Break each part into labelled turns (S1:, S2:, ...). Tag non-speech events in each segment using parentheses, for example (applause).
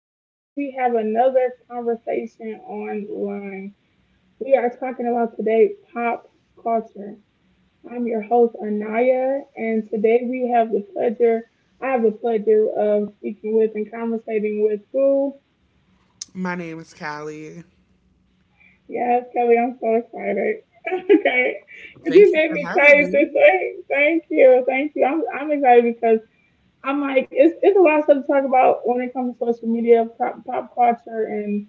S1: Today we have another conversation online. We are talking about today pop culture. I'm your host Anaya, and today we have the pleasure. I have the pleasure of speaking with and conversating with Boo.
S2: My name is Callie.
S1: Yes, Kelly, I'm so excited. (laughs) Okay, because you
S2: Thank you
S1: made
S2: for
S1: me
S2: having
S1: excited this
S2: me.
S1: way. Thank you, thank you. I'm excited because I'm like it's a lot of stuff to talk about when it comes to social media, pop culture, and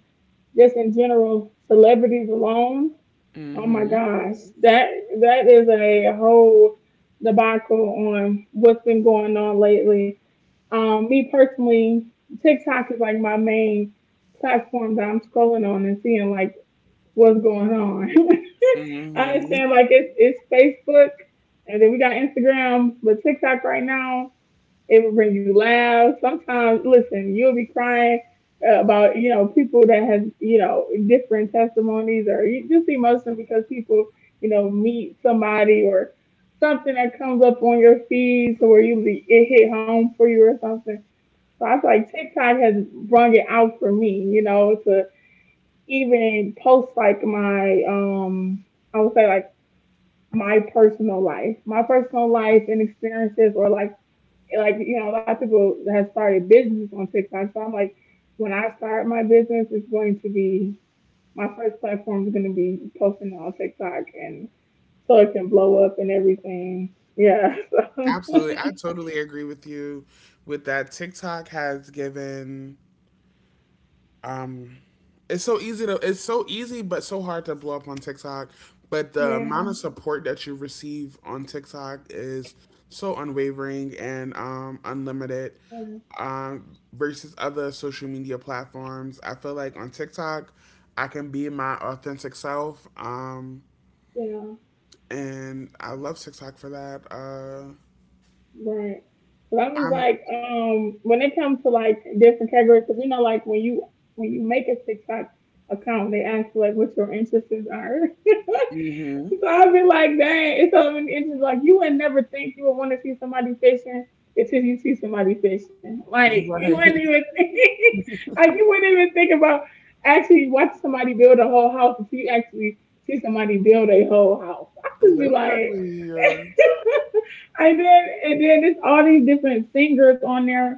S1: just in general, celebrities alone. Oh my
S2: Mm-hmm.
S1: gosh, that that is a whole debacle on what's been going on lately. Me personally, TikTok is like my main platform that I'm scrolling on and seeing like what's going on. (laughs) I
S2: Mm-hmm.
S1: understand, like it's Facebook, and then we got Instagram, but TikTok right now, it will bring you laughs. Sometimes, listen, you'll be crying about, you know, people that has, you know, different testimonies, or you just emotional because people, you know, meet somebody or something that comes up on your feed, so where you be, it hit home for you or something. So I feel like TikTok has brung it out for me, you know, to even post like my I would say like my personal life and experiences, or like, you know, a lot of people have started businesses on TikTok. So I'm like, when I start my business, it's going to be my first platform is going to be posting on TikTok, and so it can blow up and everything. Yeah. (laughs)
S2: Absolutely. I totally agree with you with that. TikTok has given um it's so easy but so hard to blow up on TikTok. But the
S1: So
S2: amount of support that you receive on TikTok is so unwavering and unlimited
S1: man,
S2: versus other social media platforms. I feel like on TikTok I can be my authentic self.
S1: yeah, yeah,
S2: And I love TikTok for that.
S1: right. But I'm just
S2: I'm
S1: like, when it comes to like different categories, because you know, like when you make a TikTok account, they ask you like what your interests are. (laughs)
S2: hmm
S1: So I'd be like, dang, it's so many inches. Like you would never think you would want to see somebody fishing until you see somebody fishing.
S2: (laughs)
S1: Like you wouldn't
S2: Like
S1: even think, (laughs) like you wouldn't even think about actually watch somebody build a whole house until you actually see somebody build a whole house. I'd just be like,
S2: literally, uh,
S1: (laughs) and then there's all these different singers on there.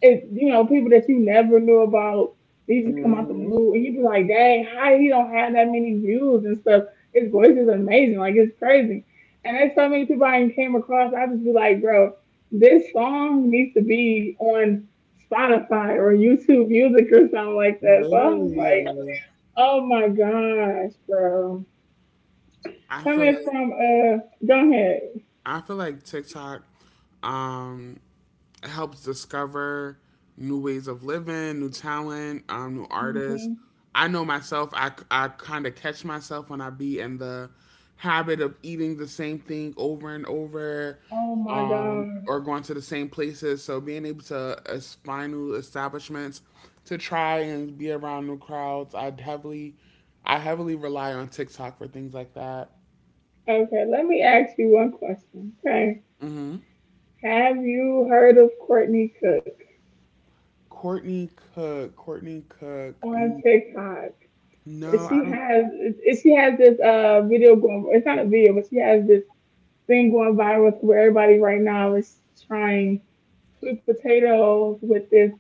S1: It's, you know, people that you never knew about. They just come out the
S2: hmm
S1: blue, and you be like, "Dang, how he don't have that many views and stuff?" His voice is amazing, like it's crazy. And there's so many people I ain't came across. I just be like, "Bro, this song needs to be on Spotify or YouTube Music or something like that." So I'm just
S2: literally.
S1: like, "Oh my gosh, bro!"
S2: I feel
S1: Coming
S2: like
S1: from go ahead.
S2: I feel like TikTok um helps discover new ways of living, new talent, new artists.
S1: Mhm.
S2: I know myself, I kind of catch myself when I be in the habit of eating the same thing over and over
S1: Oh my
S2: um,
S1: gosh.
S2: or going to the same places. So being able to find new establishments to try and be around new crowds, I heavily rely on TikTok for things like that.
S1: Okay, let me ask you one question. Okay.
S2: hmm
S1: Have you heard of Courtney Cook
S2: Courtney Cook. Courtney Cook.
S1: on TikTok?
S2: No, I
S1: She
S2: don't.
S1: has she has this video going. It's not a video, but she has this thing going viral where everybody right now is trying sweet potatoes with this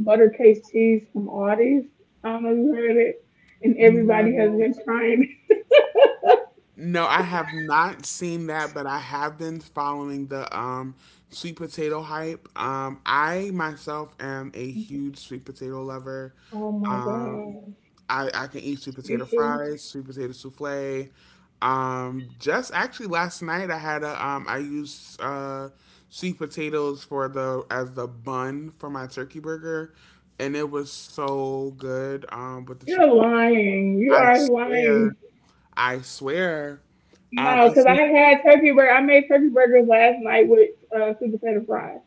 S1: butter case cheese from Aldi's. I don't know if you heard it, and everybody has
S2: No.
S1: been trying it. (laughs)
S2: No, I have not seen that, but I have been following the sweet potato hype. I myself am a huge sweet potato lover.
S1: Oh my
S2: Um,
S1: gosh,
S2: I can eat sweet
S1: you
S2: potato
S1: should.
S2: fries, sweet potato souffle. Just actually last night I had a I used sweet potatoes for the as the bun for my turkey burger, and it was so good. With the
S1: You're
S2: triple,
S1: lying. You
S2: I
S1: are
S2: swear,
S1: lying.
S2: I swear.
S1: No,
S2: I
S1: because I
S2: see.
S1: had turkey burger. I made turkey burgers last night with sweet potato fries.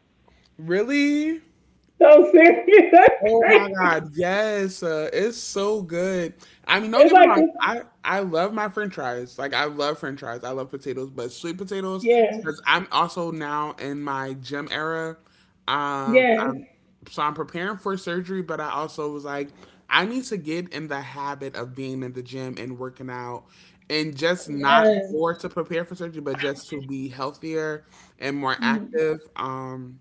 S2: Really?
S1: So serious. (laughs) That's
S2: Oh my
S1: crazy.
S2: God, yes, it's so good. I mean, don't
S1: It's
S2: get me
S1: like,
S2: wrong. I love my French fries. Like I love French fries. I love potatoes, but sweet potatoes because
S1: yes,
S2: I'm also now in my gym era. Um,
S1: yes,
S2: I'm, so I'm preparing for surgery, but I also was like, I need to get in the habit of being in the gym and working out, and just not
S1: yes.
S2: for to prepare for surgery, but just to be healthier and more
S1: Mhm.
S2: active.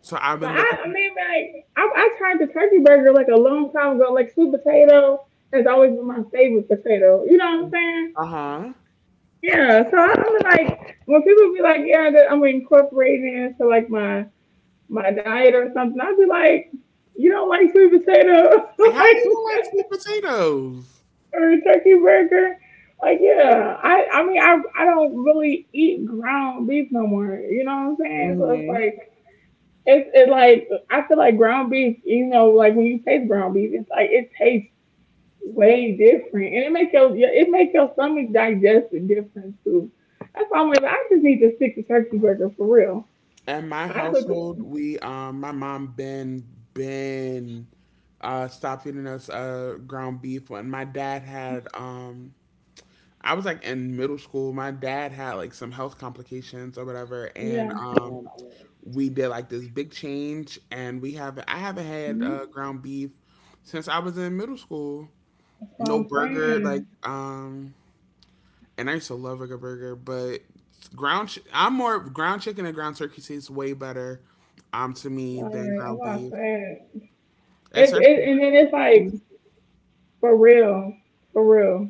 S2: So I've
S1: So
S2: been
S1: I
S2: looking.
S1: mean, like, I tried the turkey burger like a long time ago. Like sweet potato has always been my favorite potato. You know what I'm saying?
S2: Uh huh.
S1: Yeah. So I was like, when people be like, yeah, that I'm incorporating it into like my diet or something, I'd be like, you don't like sweet potato? (laughs)
S2: Like, how
S1: like,
S2: you don't like sweet potatoes?
S1: a turkey burger. Like yeah, I mean I don't really eat ground beef no more. You know what I'm saying? So it's
S2: Mm-hmm.
S1: like it's it like I feel like ground beef. You know, like when you taste ground beef, it's like it tastes way different, and it make your yeah, it make your stomach digest it different too. That's why I'm like, I just need to stick to turkey burger for real.
S2: In my
S1: I cook it.
S2: household, we my mom been stopped feeding us ground beef when my dad had I was like in middle school, my dad had like some health complications or whatever, and
S1: Yeah,
S2: we did like this big change, and we haven't I haven't had
S1: mhm,
S2: ground beef since I was in middle school.
S1: that's what
S2: No
S1: I'm
S2: burger, like
S1: saying.
S2: and I used to love a good burger, but I'm more ground chicken and ground turkey tastes way better to
S1: Like
S2: me than
S1: that's what
S2: ground
S1: I
S2: beef,
S1: said. It's it, and
S2: especially
S1: then it's
S2: with
S1: like
S2: spaghetti.
S1: for real. For real.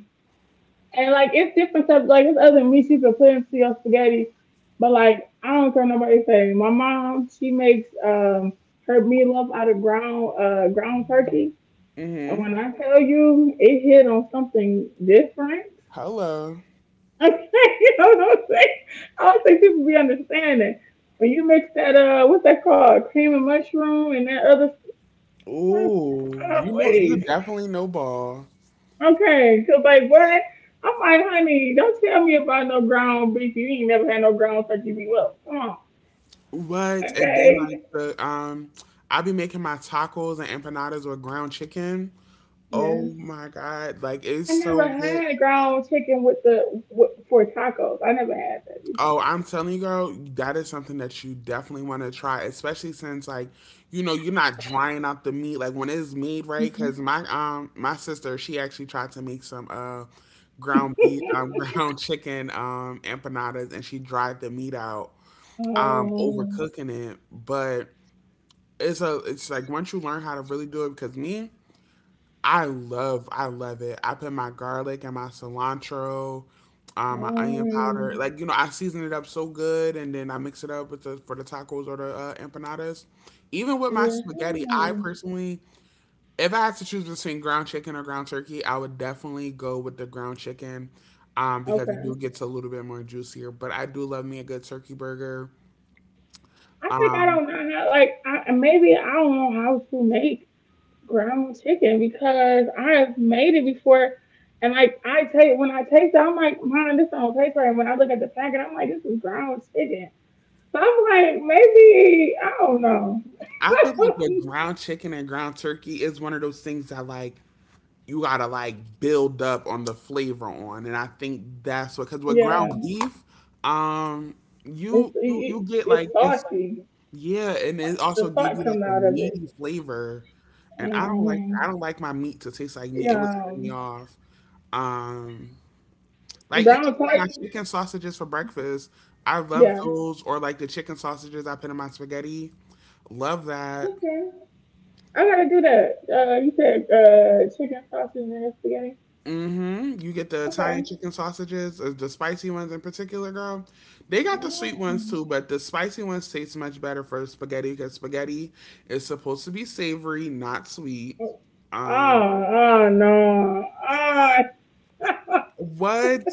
S1: And like it's different stuff. Like it's other meat you can put into your spaghetti. But like I don't care nobody say. My mom, she makes her meatloaf out of ground ground turkey. And
S2: Mhm.
S1: when I tell you it hit on something different,
S2: Hello.
S1: (laughs) you know what I'm saying? I don't think people be understanding. When you mix that what's that called? Cream and mushroom and that other stuff.
S2: Ooh, you know you
S1: Sideways.
S2: definitely know ball.
S1: Okay, okay, 'cause like what? I'm like, honey, don't tell me about no ground beef. You ain't never had no ground turkey beef. Well, come on.
S2: What? And then like
S1: Okay.
S2: the I be making my tacos and empanadas with ground chicken.
S1: Yeah.
S2: Oh my god, like
S1: I
S2: it's
S1: never
S2: so good.
S1: had ground chicken with the with, for tacos. I never had
S2: Oh, I'm telling you, girl, that is something that you definitely want to try, especially since like, you're not drying up the meat like when it's made right.
S1: that.
S2: Because my sister she actually tried to make some ground beef (laughs)
S1: (laughs)
S2: ground chicken empanadas, and she dried the meat out
S1: Oh.
S2: overcooking it, but it's a it's like once you learn how to really do it, because me, I love it. I put my garlic and my cilantro, my onion powder.
S1: Mm,
S2: Like, I season it up so good, and then I mix it up with the for the tacos or the empanadas. Even with my spaghetti,
S1: yeah.
S2: I personally, if I had to choose between ground chicken or ground turkey, I would definitely go with the ground chicken, because it
S1: Okay.
S2: do gets a little bit more juicier. But I do love me a good turkey burger.
S1: I think I
S2: Um,
S1: don't know how. Like, I maybe I don't know how to make ground chicken because I've made it before. And like I taste when I taste it, I'm like, man, this don't taste right. And when I look at the packet, I'm like, this is ground chicken. So I'm like, maybe I don't know.
S2: I feel like
S1: (laughs)
S2: with ground chicken and ground turkey is one of those things that like you gotta like build up on the flavor on, and I think that's what, because with ground
S1: Yeah,
S2: beef, um,
S1: it's it,
S2: you get
S1: it's
S2: like it's
S1: salty.
S2: yeah, and it
S1: The
S2: also
S1: salt
S2: gives you
S1: comes
S2: like a
S1: out of it.
S2: meaty flavor, and
S1: Mm-hmm.
S2: I don't like my meat to taste like meat. It would turn me
S1: Um,
S2: off. Um, like
S1: brown
S2: even like my
S1: salt.
S2: chicken sausages for breakfast, I love
S1: Yeah.
S2: those, or like the chicken sausages I put in my spaghetti. Love that.
S1: Okay. I gotta do that. You said chicken sausage and spaghetti.
S2: Mm-hmm. You get the Italian
S1: Okay.
S2: chicken sausages, the spicy ones in particular, girl. They got the sweet ones too,
S1: Yeah.
S2: but the spicy ones taste much better for spaghetti because spaghetti is supposed to be savory, not sweet. Um,
S1: Oh, oh no. Oh, (laughs) let
S2: what?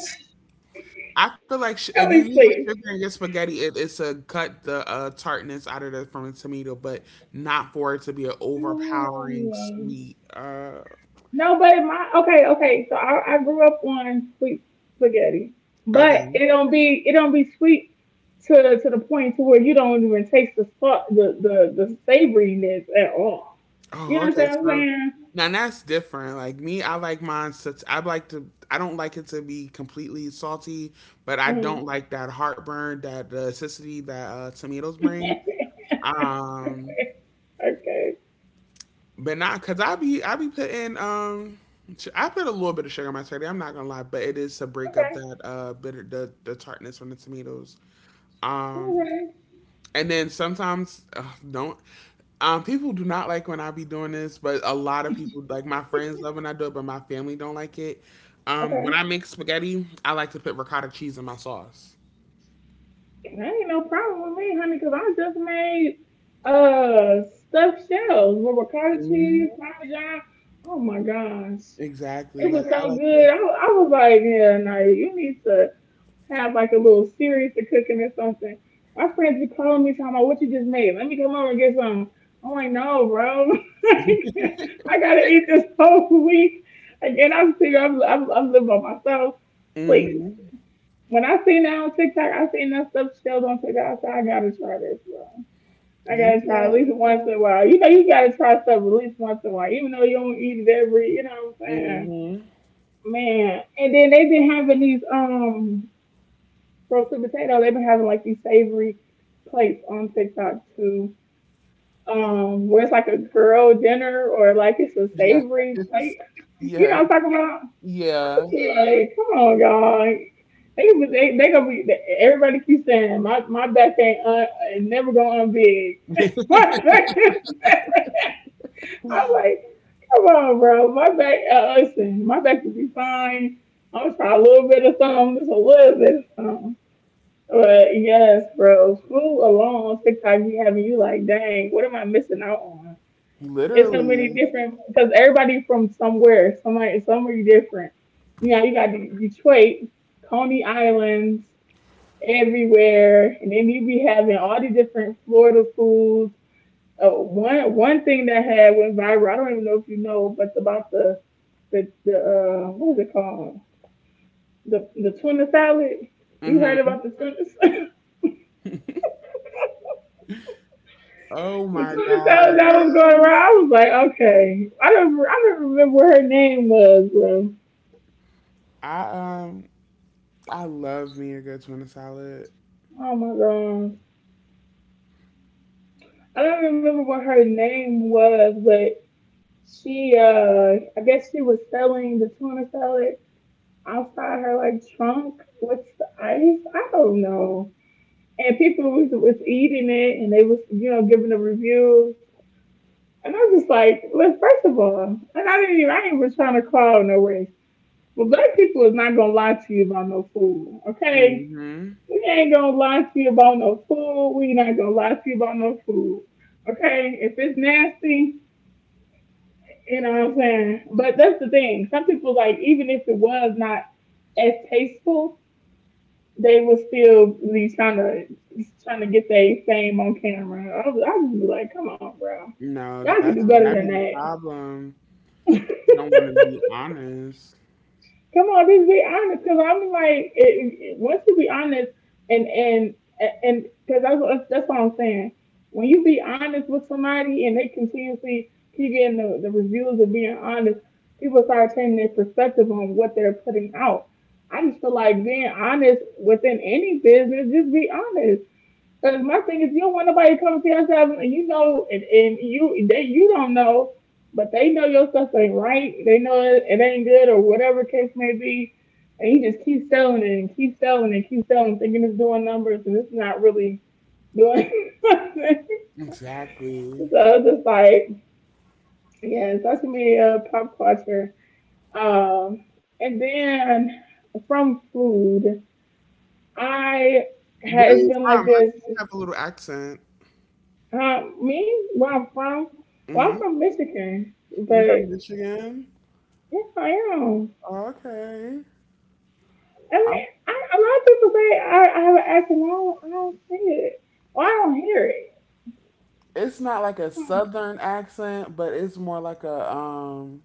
S2: I feel like if you
S1: me
S2: use a sugar
S1: see.
S2: and get spaghetti, it's to cut the tartness out of the from a tomato, but not for it to be an overpowering
S1: No,
S2: sweet.
S1: but my okay, okay. So I grew up on sweet spaghetti, but
S2: Okay.
S1: it don't be sweet to the point to where you don't even taste the salt, the savoriness at all. You
S2: Oh,
S1: know what
S2: okay.
S1: I'm
S2: So
S1: saying?
S2: now that's different. Like me, I like mine such I like to I don't like it to be completely salty, but I
S1: Mhm.
S2: don't like that heartburn, that the acidity that tomatoes
S1: (laughs)
S2: bring.
S1: Okay.
S2: Um, but not because I put a little bit of sugar in my spaghetti. I'm not gonna lie, but it is to break
S1: Okay.
S2: up that bitter the tartness from the tomatoes. Um,
S1: Okay.
S2: And then sometimes ugh, don't. People do not like when I be doing this, but a lot of people, like my friends, love when I do it, but my family don't like it.
S1: Okay.
S2: When I make spaghetti, I like to put ricotta cheese in my sauce.
S1: Ain't no problem with me, honey, because I just made stuffed shells with ricotta
S2: hmm
S1: cheese, parmesan. Oh my gosh,
S2: Exactly.
S1: it was
S2: Like I
S1: so
S2: like
S1: good.
S2: to.
S1: I was like, yeah, no, you need to have like a little series to cooking or something. My friends be calling me talking about what you just made. Let me come over and get some. I'm like, no, bro. (laughs) I gotta eat this whole (laughs) week. Again, I'm single. I'm living by myself. Please.
S2: hmm
S1: When I seen that on TikTok, I seen that stuff showed on TikTok. So I gotta try this, bro. I
S2: You
S1: gotta try at
S2: know.
S1: least once in a while. You know, you gotta try stuff at least once in a while, even though you don't eat it every. You know what I'm saying,
S2: hmm
S1: man? And then they've been having these roasted potato. They've been having like these savory plates on TikTok too. Where it's like a girl dinner or like it's a
S2: Yes.
S1: savory plate.
S2: (laughs)
S1: (laughs) You
S2: Yes.
S1: know what I'm talking about? (laughs)
S2: Yeah.
S1: Like, come on, y'all. They gonna be everybody keep saying my back ain't un, ain't never gonna unbig. (laughs) My
S2: (laughs)
S1: back is I'm like, come on, bro. My back, listen, my back will be fine. I'm gonna try a little bit of something, just a little bit of something. But yes, bro, food alone on TikTok be having you like, dang, what am I missing out on? It's so many
S2: Literally.
S1: different because everybody from somewhere, somebody, somewhere different. You know, you got Detroit, Coney Islands everywhere, and then you be having all the different Florida foods. Oh, one thing that had went viral, I don't even know if you know, but about the the what is it called? The tuna salad. You heard
S2: hmm
S1: about the tuna salad?
S2: Oh
S1: (laughs) The
S2: my
S1: tuna salad
S2: god.
S1: that was going around. I was like, okay, I don't remember what her name was, bro.
S2: I um. I love me a good tuna salad.
S1: Oh my god, I don't remember what her name was, but she I guess she was selling the tuna salad outside her like trunk with the ice. I don't know. And people was eating it and they was, you know, giving the reviews. And I was just like, look, first of all, and I didn't even, I ain't even trying to call no way. But black people is not gonna lie to you about no food, okay?
S2: hmm
S1: We ain't gonna lie to you about no food. We not gonna lie to you about no food, okay? If it's nasty, you know what I'm saying? But that's the thing. Some people like even if it was not as tasteful, they were still these trying to trying to get their fame on camera. I was like, come on, bro,
S2: No,
S1: y'all could do
S2: that's
S1: better
S2: that
S1: than
S2: be the
S1: that.
S2: problem. You don't want to be honest.
S1: Come on, just be honest, because I'm like, it, once you be honest, and and and because that's what I'm saying. When you be honest with somebody and they continuously keep getting the reviews of being honest, people start changing their perspective on what they're putting out. I just feel like being honest within any business, just be honest. Because my thing is, you don't want nobody coming to your house and you don't know, but they know your stuff ain't right. They know it ain't good or whatever case may be, and you just keep selling it and keep selling, thinking it's doing numbers and it's not really doing. (laughs) Nothing. So
S2: Exactly.
S1: it's just like yeah, social media, pop culture, um, and then from food, I
S2: Where
S1: has
S2: are you
S1: been like
S2: from? I
S1: this.
S2: see you have a little accent.
S1: Me? Where I'm from? Well,
S2: hmm
S1: I'm from Michigan,
S2: You from
S1: but
S2: Michigan?
S1: yeah, I am.
S2: Okay.
S1: I mean,
S2: I'm,
S1: a lot of people say I have an accent. I don't see it. Well, I don't hear it.
S2: it's not like a southern accent, but it's more like a.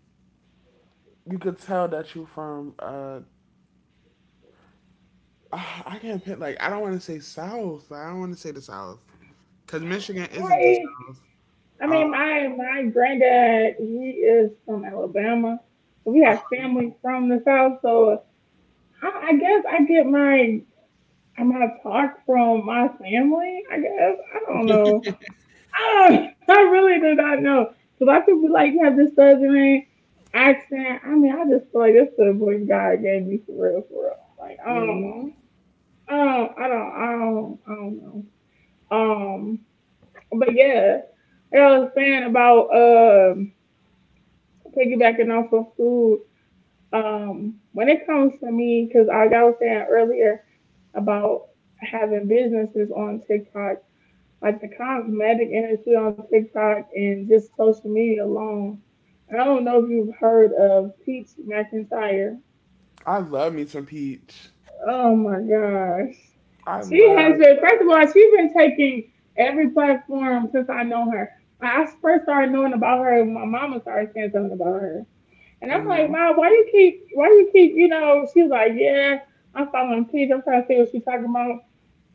S2: You could tell that you from. (sighs) I can't pick, like I don't want to say south. I don't want to say the south because Michigan isn't the
S1: I,
S2: south.
S1: I
S2: Um,
S1: mean, my granddad, he is from Alabama, so we have family from the South. So I guess I get my talk from my family. I guess I don't know. I really did not know. So I could be like, you have this southern accent. I mean, I just feel like that's the voice God gave me for real, for real. Like, I don't know.
S2: mhm.
S1: Um, I don't, I don't know. Um, but yeah, like I was saying about piggybacking off of food. When it comes to me, because I was saying earlier about having businesses on TikTok, like the cosmetic industry on TikTok and just social media alone. I don't know if you've heard of Peach McIntyre.
S2: I love me some peach.
S1: Oh my gosh.
S2: I
S1: She has
S2: love.
S1: been, first of all, she's been taking every platform since I know her. When I first started knowing about her, my mama started saying something about her. And I'm like, Mom, why you keep, you know, she was like, yeah, I'm following Peach. I'm trying to see what she's talking about.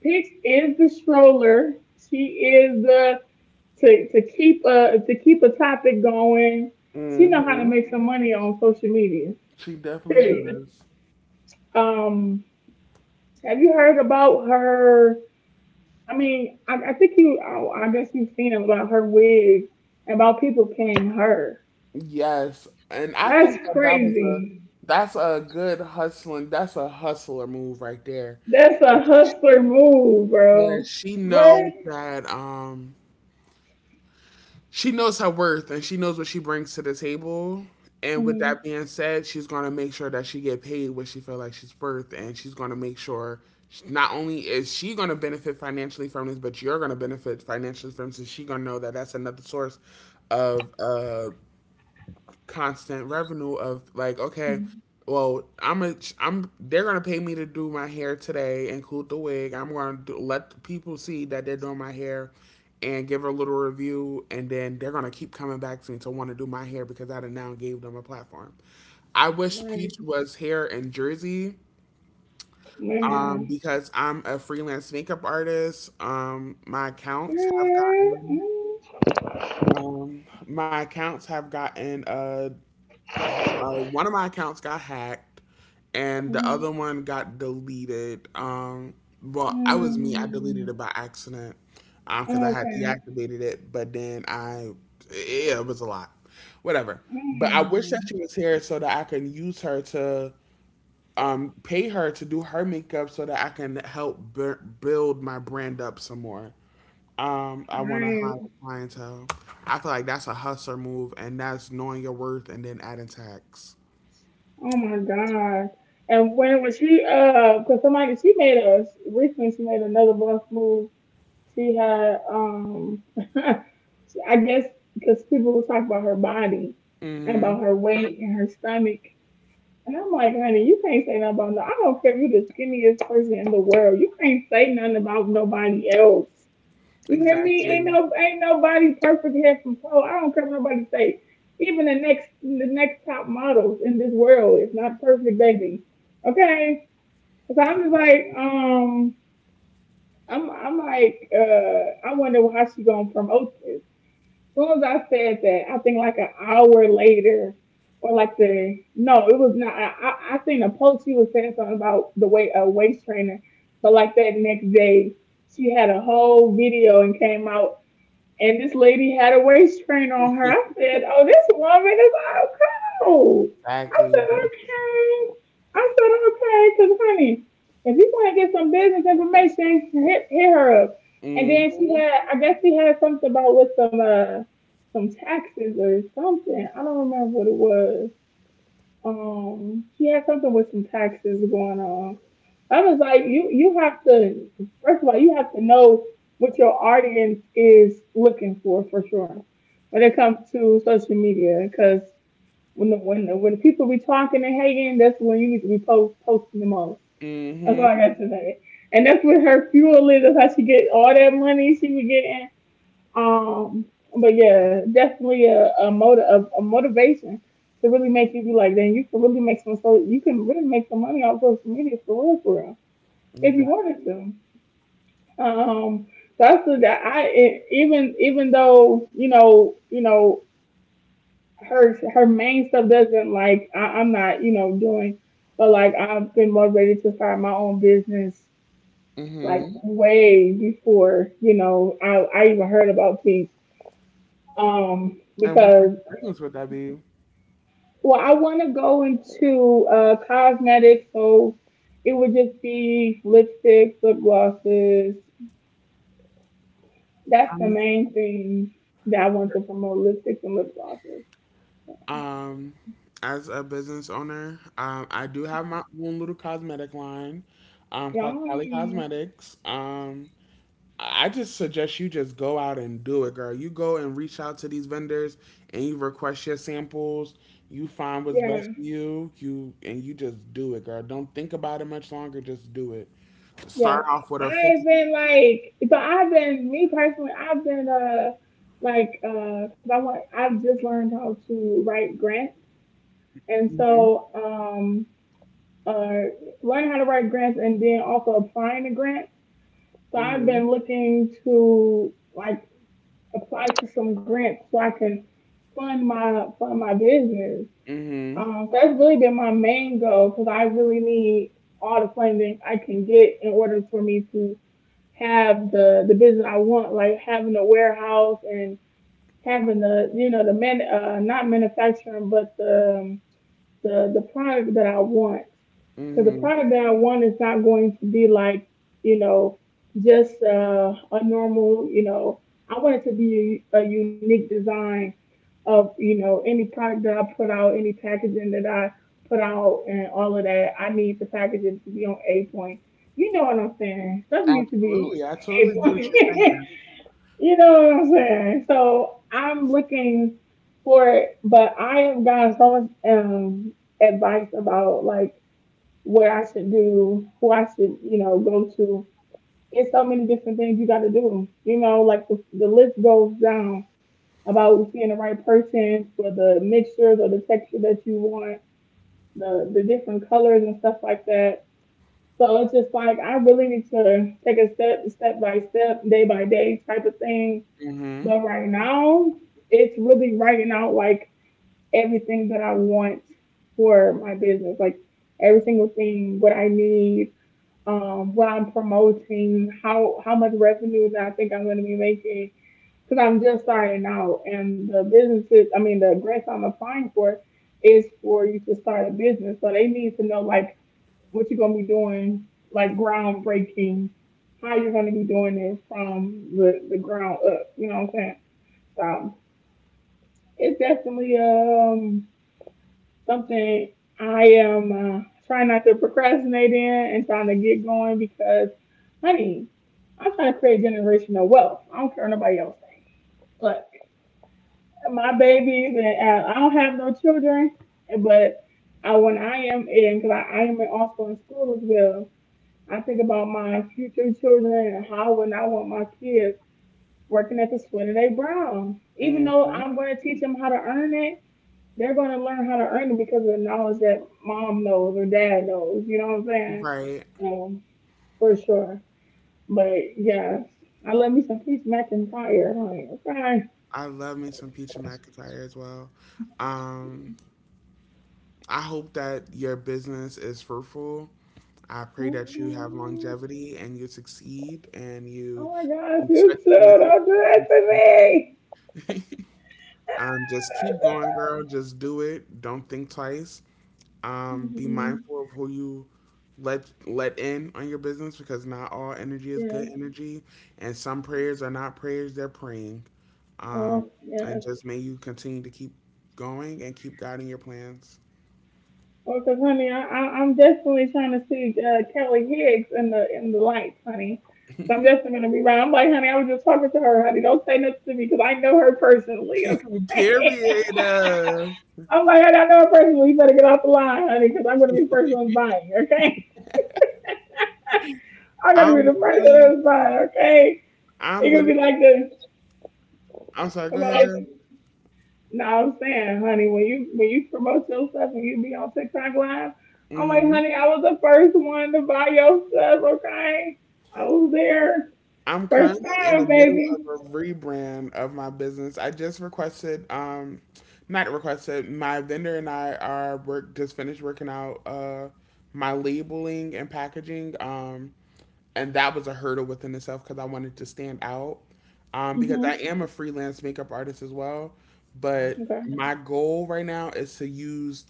S1: Peach is the stroller. She is the to keep a topic going. She know how to
S2: Mm-hmm.
S1: make some money on social media.
S2: She definitely
S1: Period. (laughs)
S2: does.
S1: Um, have you heard about her? I mean, I think you. I guess you've seen about her wig and about people paying her.
S2: Yes, and I
S1: That's
S2: think that that was a
S1: crazy.
S2: that's a good hustling. That's a hustler move right there.
S1: That's a
S2: Like,
S1: hustler move,
S2: yeah,
S1: bro.
S2: she
S1: What?
S2: know that she knows her worth and she knows what she brings to the table. And with
S1: Mhm.
S2: that being said, she's gonna make sure that she get paid what she feel like she's worth, and she's gonna make sure not only is she gonna benefit financially from this, but you're gonna benefit financially from this. She's gonna know that that's another source of constant revenue of like, okay,
S1: Mhm.
S2: well, I'm a, I'm they're gonna pay me to do my hair today, include the wig. Let the people see that they're doing my hair, and give a little review, and then they're gonna keep coming back to me to want to do my hair because I done now gave them a platform. I wish Peach
S1: What?
S2: was here in Jersey.
S1: Man.
S2: Because I'm a freelance makeup artist.
S1: Mm,
S2: My accounts have gotten One of my accounts got hacked and the other
S1: mm,
S2: one got deleted. Well, I
S1: mm,
S2: was me. I
S1: mm.
S2: deleted it by accident because I had
S1: Okay.
S2: deactivated it, but then yeah, it was a lot. Whatever. But I wish
S1: Mm.
S2: that she was here so that I can use her to pay her to do her makeup so that I can help build my brand up some more. I want to hire
S1: Dang.
S2: clientele. I feel like that's a hustler move, and that's knowing your worth and then adding tax.
S1: Oh my God. And when was she cause somebody she made a recently she made another boss move. She had (laughs) I guess because people will talk about her body and about
S2: Mm-hmm.
S1: her weight and her stomach. And I'm like, honey, you can't say nothing about no I don't care if you're the skinniest person in the world. You can't say nothing about nobody else. You hear me? Ain't
S2: Exactly.
S1: no ain't nobody perfect here from Poe. I don't care what nobody say. Even the next top models in this world is not perfect, baby. Okay? So I'm just like,
S2: Exactly.
S1: I'm like, I wonder how she gonna promote this. As soon as I said that, I think like an hour later, or like the no, it was not. I seen a post she was saying something about the way a waist trainer, but like that next day, she had a whole video and came out and this lady had a waist trainer on her. I said, "Oh, this woman is out cold." I
S2: Exactly.
S1: said, "Okay." I said, "Okay," because honey, if you want to get some business information, hit her up. And then she
S2: Mm-hmm.
S1: had, I guess she had something about with some taxes or something. I don't remember what it was. She had something with some taxes going on. I was like, you have to first of all, you have to know what your audience is looking for sure when it comes to social media because when people be talking and hating, that's when you need to be posting the most. That's all I
S2: Mm-hmm.
S1: got to say. And that's what her fuel is. That's how she get all that money she be getting. Um, but yeah, definitely a motivation to really make you be like, then you can really make some so you can really make some money off social media for real if you
S2: Exactly.
S1: wanted to. Um, so I said that I e- even even though you know her main stuff doesn't like I'm not you know doing, but like I've been motivated to start my own business like
S2: Mm-hmm.
S1: way before you know I even heard about Peace.
S2: And what type
S1: Because
S2: of business would that be?
S1: well I want to go into cosmetics so. It would just be lipsticks, lip glosses, that's the
S2: Um,
S1: main thing that I want to promote lipsticks and lip glosses.
S2: um, as a business owner, I do have my own little cosmetic line, called
S1: Y'all,
S2: Cali Cosmetics. I just suggest you just go out and do it, girl. You go and reach out to these vendors and you request your samples. You find what's best
S1: yeah,
S2: for you. You, and you just do it, girl. Don't think about it much longer. Just do it.
S1: yeah.
S2: Start off with a 50.
S1: I've been like, so I've been, me personally, I've been, like, cause I've just learned how to write grants. And
S2: Mhm.
S1: so, uh, learning how to write grants and then also applying to grants. So I've
S2: Mm.
S1: been looking to like apply to some grants so I can fund my business.
S2: Mhm.
S1: That's really been my main goal because I really need all the funding I can get in order for me to have the business I want, like having a warehouse and having the you know the man not manufacturing but the the product that I want.
S2: Mhm.
S1: Because the
S2: Mhm.
S1: product that I want is not going to be like, you know, just a normal, you know, I want it to be a unique design of, you know, any product that I put out, any packaging that I put out, and all of that. I need the packaging to be on A point. You know what I'm saying? Stuff needs to be
S2: Absolutely. I
S1: A
S2: totally get what
S1: point.
S2: you're
S1: (laughs)
S2: saying.
S1: You know what I'm saying? So I'm looking for it, but I have gotten so much advice about like what I should do, who I should, you know, go to. It's so many different things you got to do. You know, like the list goes down about seeing the right person for the mixtures or the texture that you want, the different colors and stuff like that. So it's just like I really need to take a step by step, day by day type of thing,
S2: Mm.
S1: but right now, it's really writing out like everything that I want for my business, like every single thing, what I need, what I'm promoting, how much revenue that I think I'm going to be making, because I'm just starting out, and the businesses, I mean, the grants I'm applying for is for you to start a business, so they need to know like what you're going to be doing, like groundbreaking, how you're going to be doing it from the ground up. You know what I'm saying? So it's definitely something I am trying not to procrastinate in and trying to get going because, honey, I'm trying to create generational wealth. I don't care what nobody else thinks. Look, my babies and I don't have no children, but I, when I am in, because I am in also in school as well, I think about my future children and how would I want my kids working at the sweat of they brow. Even
S2: Mhm.
S1: though
S2: Mm.
S1: I'm going to teach them how to earn it, they're going to learn how to earn it because of the knowledge that mom knows or dad knows. You know what I'm
S2: Mhm.
S1: saying?
S2: Right.
S1: Um, for sure. But yes, I love me some Peace McIntyre. Like, okay.
S2: I love me some Peach and McIntyre as well. Um, I hope that your business is fruitful. I pray that you
S1: Okay.
S2: have longevity and you succeed and
S1: Oh
S2: you
S1: my gosh,
S2: you touch
S1: you too.
S2: a million
S1: Don't do that to
S2: blessings.
S1: me. (laughs)
S2: (laughs) Just keep going, girl. Just do it. Don't think twice. Be
S1: Mhm.
S2: mindful of who you let in on your business, because not all energy is
S1: Yeah.
S2: good energy, and some prayers are not prayers; they're praying. Um,
S1: Oh, yeah.
S2: and just may you continue to keep going and keep guiding your plans.
S1: Well, because honey, I'm definitely trying to see Kelly Higgs in the lights, honey. So I'm definitely gonna be right. I'm like, honey, I was just talking to her, honey. Don't say nothing to me because I know her personally.
S2: (laughs)
S1: Okay.
S2: Period. Uh,
S1: (laughs) I'm like, honey, I know her personally. You better get off the line, honey, because I'm gonna be the first one buying. Okay. (laughs) I'm gonna be
S2: I'm
S1: the first one
S2: literally,
S1: that's buying. Okay.
S2: I'm
S1: You're gonna be
S2: literally.
S1: like
S2: I'm sorry. Go ahead, girl.
S1: this. No, I'm saying, honey, when you promote your stuff and you be on TikTok live, I'm like,
S2: hmm
S1: honey, I was the first one to buy your stuff, okay? I was there
S2: I'm
S1: first
S2: currently in the
S1: time,
S2: middle of
S1: baby.
S2: a rebrand of my business. I just requested, not requested, my vendor and I are work just finished working out my labeling and packaging. And that was a hurdle within itself because I wanted to stand out. Because I
S1: Mhm.
S2: am a freelance makeup artist as well. But
S1: Okay.
S2: my goal right now is to use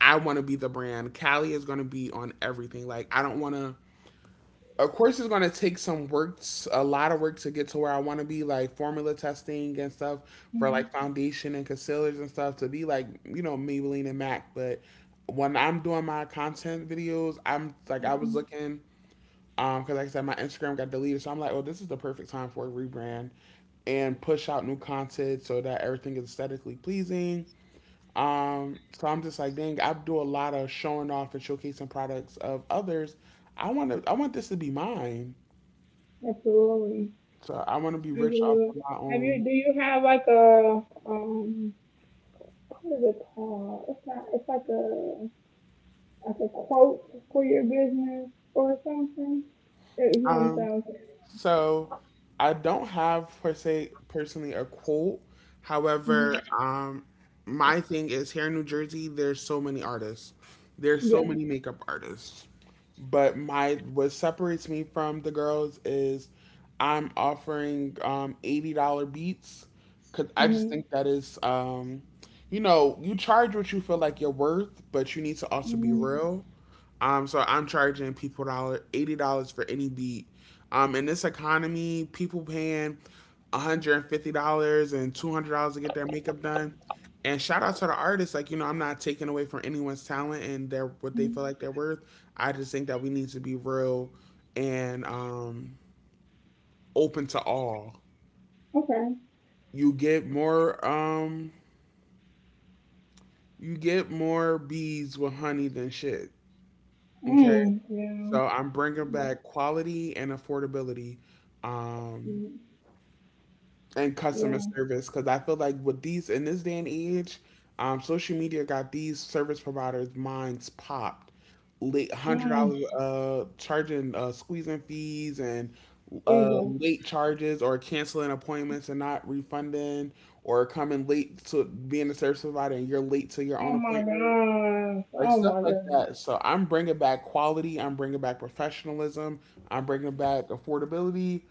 S2: I want to be the brand. Callie is going to be on everything. Like, I don't want to, of course it's going to take some work, a lot of work to get to where I want to be, like formula testing and stuff for like foundation and concealers and stuff to be like, you know, Maybelline and MAC. But when I'm doing my content videos, I'm like, I was
S1: Mm-hmm.
S2: looking, because like I said my Instagram got deleted, so I'm like, oh, this is the perfect time for a rebrand and push out new content so that everything is aesthetically pleasing. So I'm just like, dang, I do a lot of showing off and showcasing products of others. I want to, I want this to be mine,
S1: Absolutely.
S2: so I want to be rich off
S1: Absolutely.
S2: of my
S1: Have you?
S2: own.
S1: Do you have like a um? What is it called? It's not. It's like a quote for your business or something. If you
S2: Um,
S1: understand what
S2: so I don't have, per se, personally a quote.
S1: I'm saying.
S2: However,
S1: Mhm.
S2: my thing is, here in New Jersey, there's so many artists. There's so
S1: Yeah.
S2: many makeup artists. But my, what separates me from the girls is I'm offering $80 beats because I just
S1: Mhm.
S2: think that is, you know, you charge what you feel like you're worth, but you need to also be
S1: Mhm.
S2: real. So I'm charging people dollar $80 for any beat. In this economy, people paying $150 and $200 to get their makeup done. And shout out to the artists, like, you know, I'm not taking away from anyone's talent and their, what they feel like they're worth. I just think that we need to be real and, open to all.
S1: Mhm.
S2: You get more, um, you get more bees with honey than shit. Okay,
S1: Mm, yeah.
S2: so I'm bringing
S1: Mm,
S2: back quality and affordability, um,
S1: mm,
S2: and customer
S1: yeah.
S2: service, because I feel like with these, in this day and age, social media got these service providers' minds popped. Late hundred
S1: Mm,
S2: dollar charging, squeezing fees and
S1: Jesus.
S2: late charges, or canceling appointments and not refunding, or coming late to being a service provider and you're late to your
S1: Oh
S2: own
S1: my
S2: appointment,
S1: gosh.
S2: like
S1: Oh
S2: stuff
S1: my
S2: like
S1: goodness.
S2: that. So I'm bringing back quality. I'm bringing back professionalism. I'm bringing back affordability,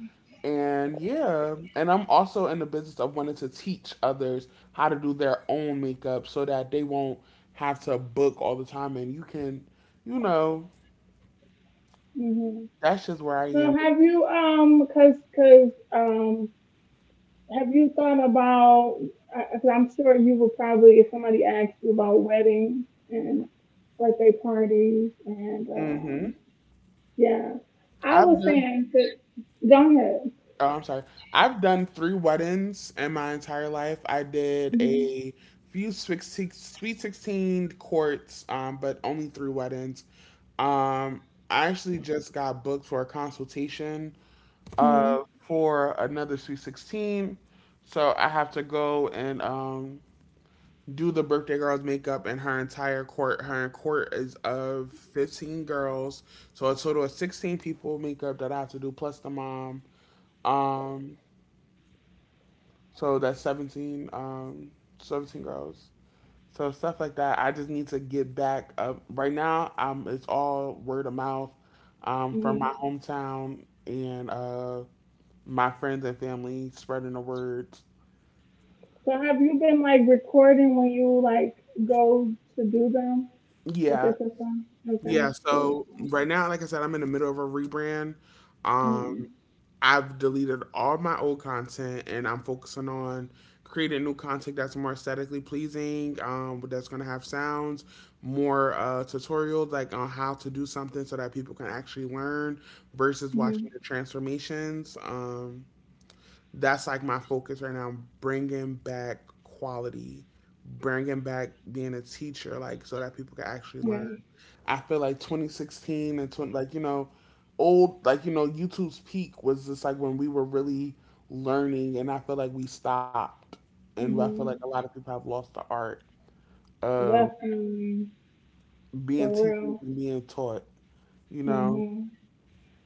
S2: and yeah, and I'm also in the business of wanting to teach others how to do their own makeup so that they won't have to book all the time, and you can, you know,
S1: hmm
S2: that's just where I am.
S1: So have you cause, cause have you thought about? Cause I'm sure you would probably, if somebody asked you about weddings and birthday parties and
S2: Mm-hmm.
S1: yeah, I
S2: I've
S1: was
S2: done
S1: saying, to, go ahead.
S2: Oh, I'm sorry. I've done three weddings in my entire life. I did
S1: Mm-hmm.
S2: a few Sweet 16 courts, but only three weddings. Um, I actually just got booked for a consultation
S1: Mm-hmm.
S2: for another Sweet 16. So I have to go and do the birthday girl's makeup and her entire court. Her court is of 15 girls. So a total of 16 people makeup that I have to do, plus the mom. Um, so that's 17, 17 girls. So stuff like that. I just need to get back up. Right now, it's all word of mouth, from my
S1: Mm-hmm.
S2: hometown and, my friends and family spreading the word.
S1: So have you been like recording when you like go to do them? Like
S2: Yeah.
S1: it's a song? Okay,
S2: Yeah.
S1: cool.
S2: So right now, like I said, I'm in the middle of a rebrand. Um,
S1: Mm-hmm.
S2: I've deleted all my old content and I'm focusing on creating new content that's more aesthetically pleasing, that's going to have sounds, more tutorials like on how to do something so that people can actually learn versus watching
S1: Mm-hmm.
S2: the transformations. That's like my focus right now. Bringing back quality, bringing back being a teacher, like, so that people can actually learn.
S1: Okay.
S2: I feel like 2016 and 20, like, you know, old, like, you know, YouTube's peak was just like when we were really learning, and I feel like we stopped, and I feel like a
S1: Hmm.
S2: lot of people have lost the art of
S1: Definitely.
S2: being
S1: For
S2: teachers
S1: real.
S2: and being taught. You know.
S1: Hmm.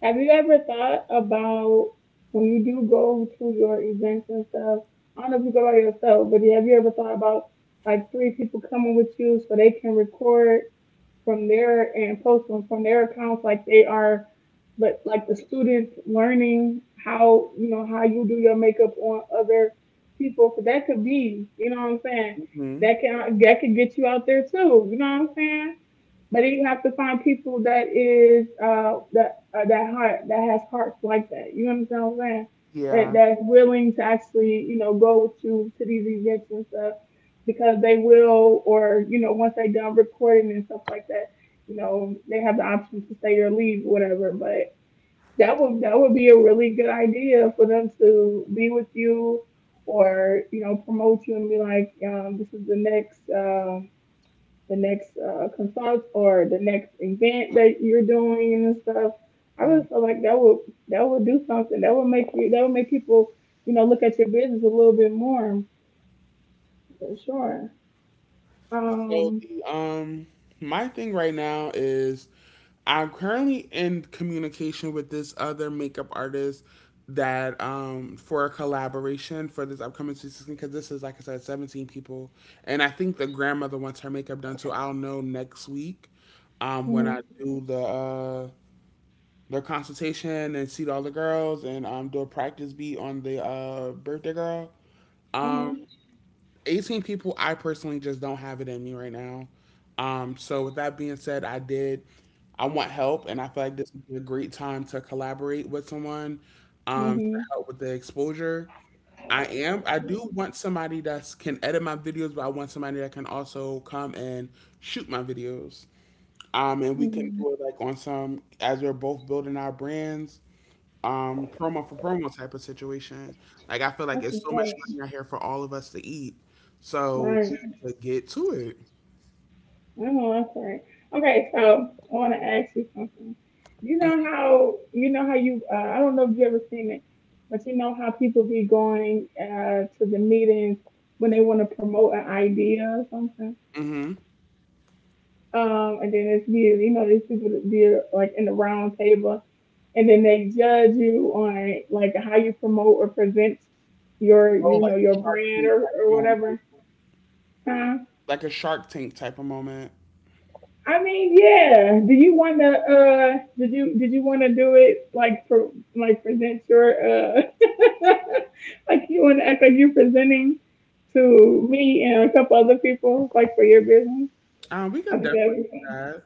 S1: Have you ever thought about when you do go to your events and stuff? I don't know if you go by yourself, but have you ever thought about like three people coming with you so they can record from their and post them from their accounts like they are, but like the students learning how, you know, how you do your makeup on other people. So that could be, you know what I'm saying,
S2: hmm
S1: that could get you out there too, you know what I'm saying. But then you have to find people that is that heart, that has hearts like that. You understand what I'm saying? That
S2: Yeah.
S1: that's willing to actually, you know, go to these events and stuff, because they will, or you know, once they done recording and stuff like that, you know they have the option to stay or leave, whatever. But that would be a really good idea for them to be with you, or you know, promote you and be like, this is the next. The next consult or the next event that you're doing and stuff. I really
S2: Mm.
S1: feel like that would do something. That would make you, that would make people, you know, look at your business a little bit more, for sure.
S2: So
S1: Um
S2: the my thing right now is I'm currently in communication with this other makeup artist that, for a collaboration for this upcoming season, because this is, like I said, 17 people, and I think the grandmother wants her makeup done, so I'll know next week when I
S1: mhm
S2: do the consultation and see all the girls and do a practice beat on the birthday girl.
S1: mhm
S2: Um 18 people, I personally just don't have it in me right now. So with that being said, I did. I want help, and I feel like this would be a great time to collaborate with someone, to
S1: mhm.
S2: help with the exposure. I am. I do want somebody that can edit my videos, but I want somebody that can also come and shoot my videos. And we can
S1: mhm.
S2: do it like on some, as we're both building our brands, promo for promo type of situation. Like, I feel like
S1: That's
S2: it's so much money
S1: just
S2: out here for all of us to eat,
S1: right.
S2: so we
S1: Right.
S2: need to get to it.
S1: Oh, that's right. Okay, so I want to ask you something. You know how you uh, I don't know if you ever seen it, but you know how people be going to the meetings when they want to promote an idea or something.
S2: Mm-hmm.
S1: And then it's you, you know these people that be like in the round table, and then they judge you on like how you promote or present your,
S2: Oh,
S1: you
S2: like
S1: know,
S2: a
S1: your
S2: Shark
S1: brand
S2: Tank type of
S1: or
S2: moment,
S1: whatever. Huh?
S2: like a Shark Tank type of moment.
S1: I mean, yeah. Do you want to? Did you want to do it like for like present your (laughs) like you want to act like you're presenting to me and a couple other people like for your business?
S2: We
S1: I
S2: could
S1: think that'd
S2: definitely
S1: be
S2: do
S1: fun.
S2: that.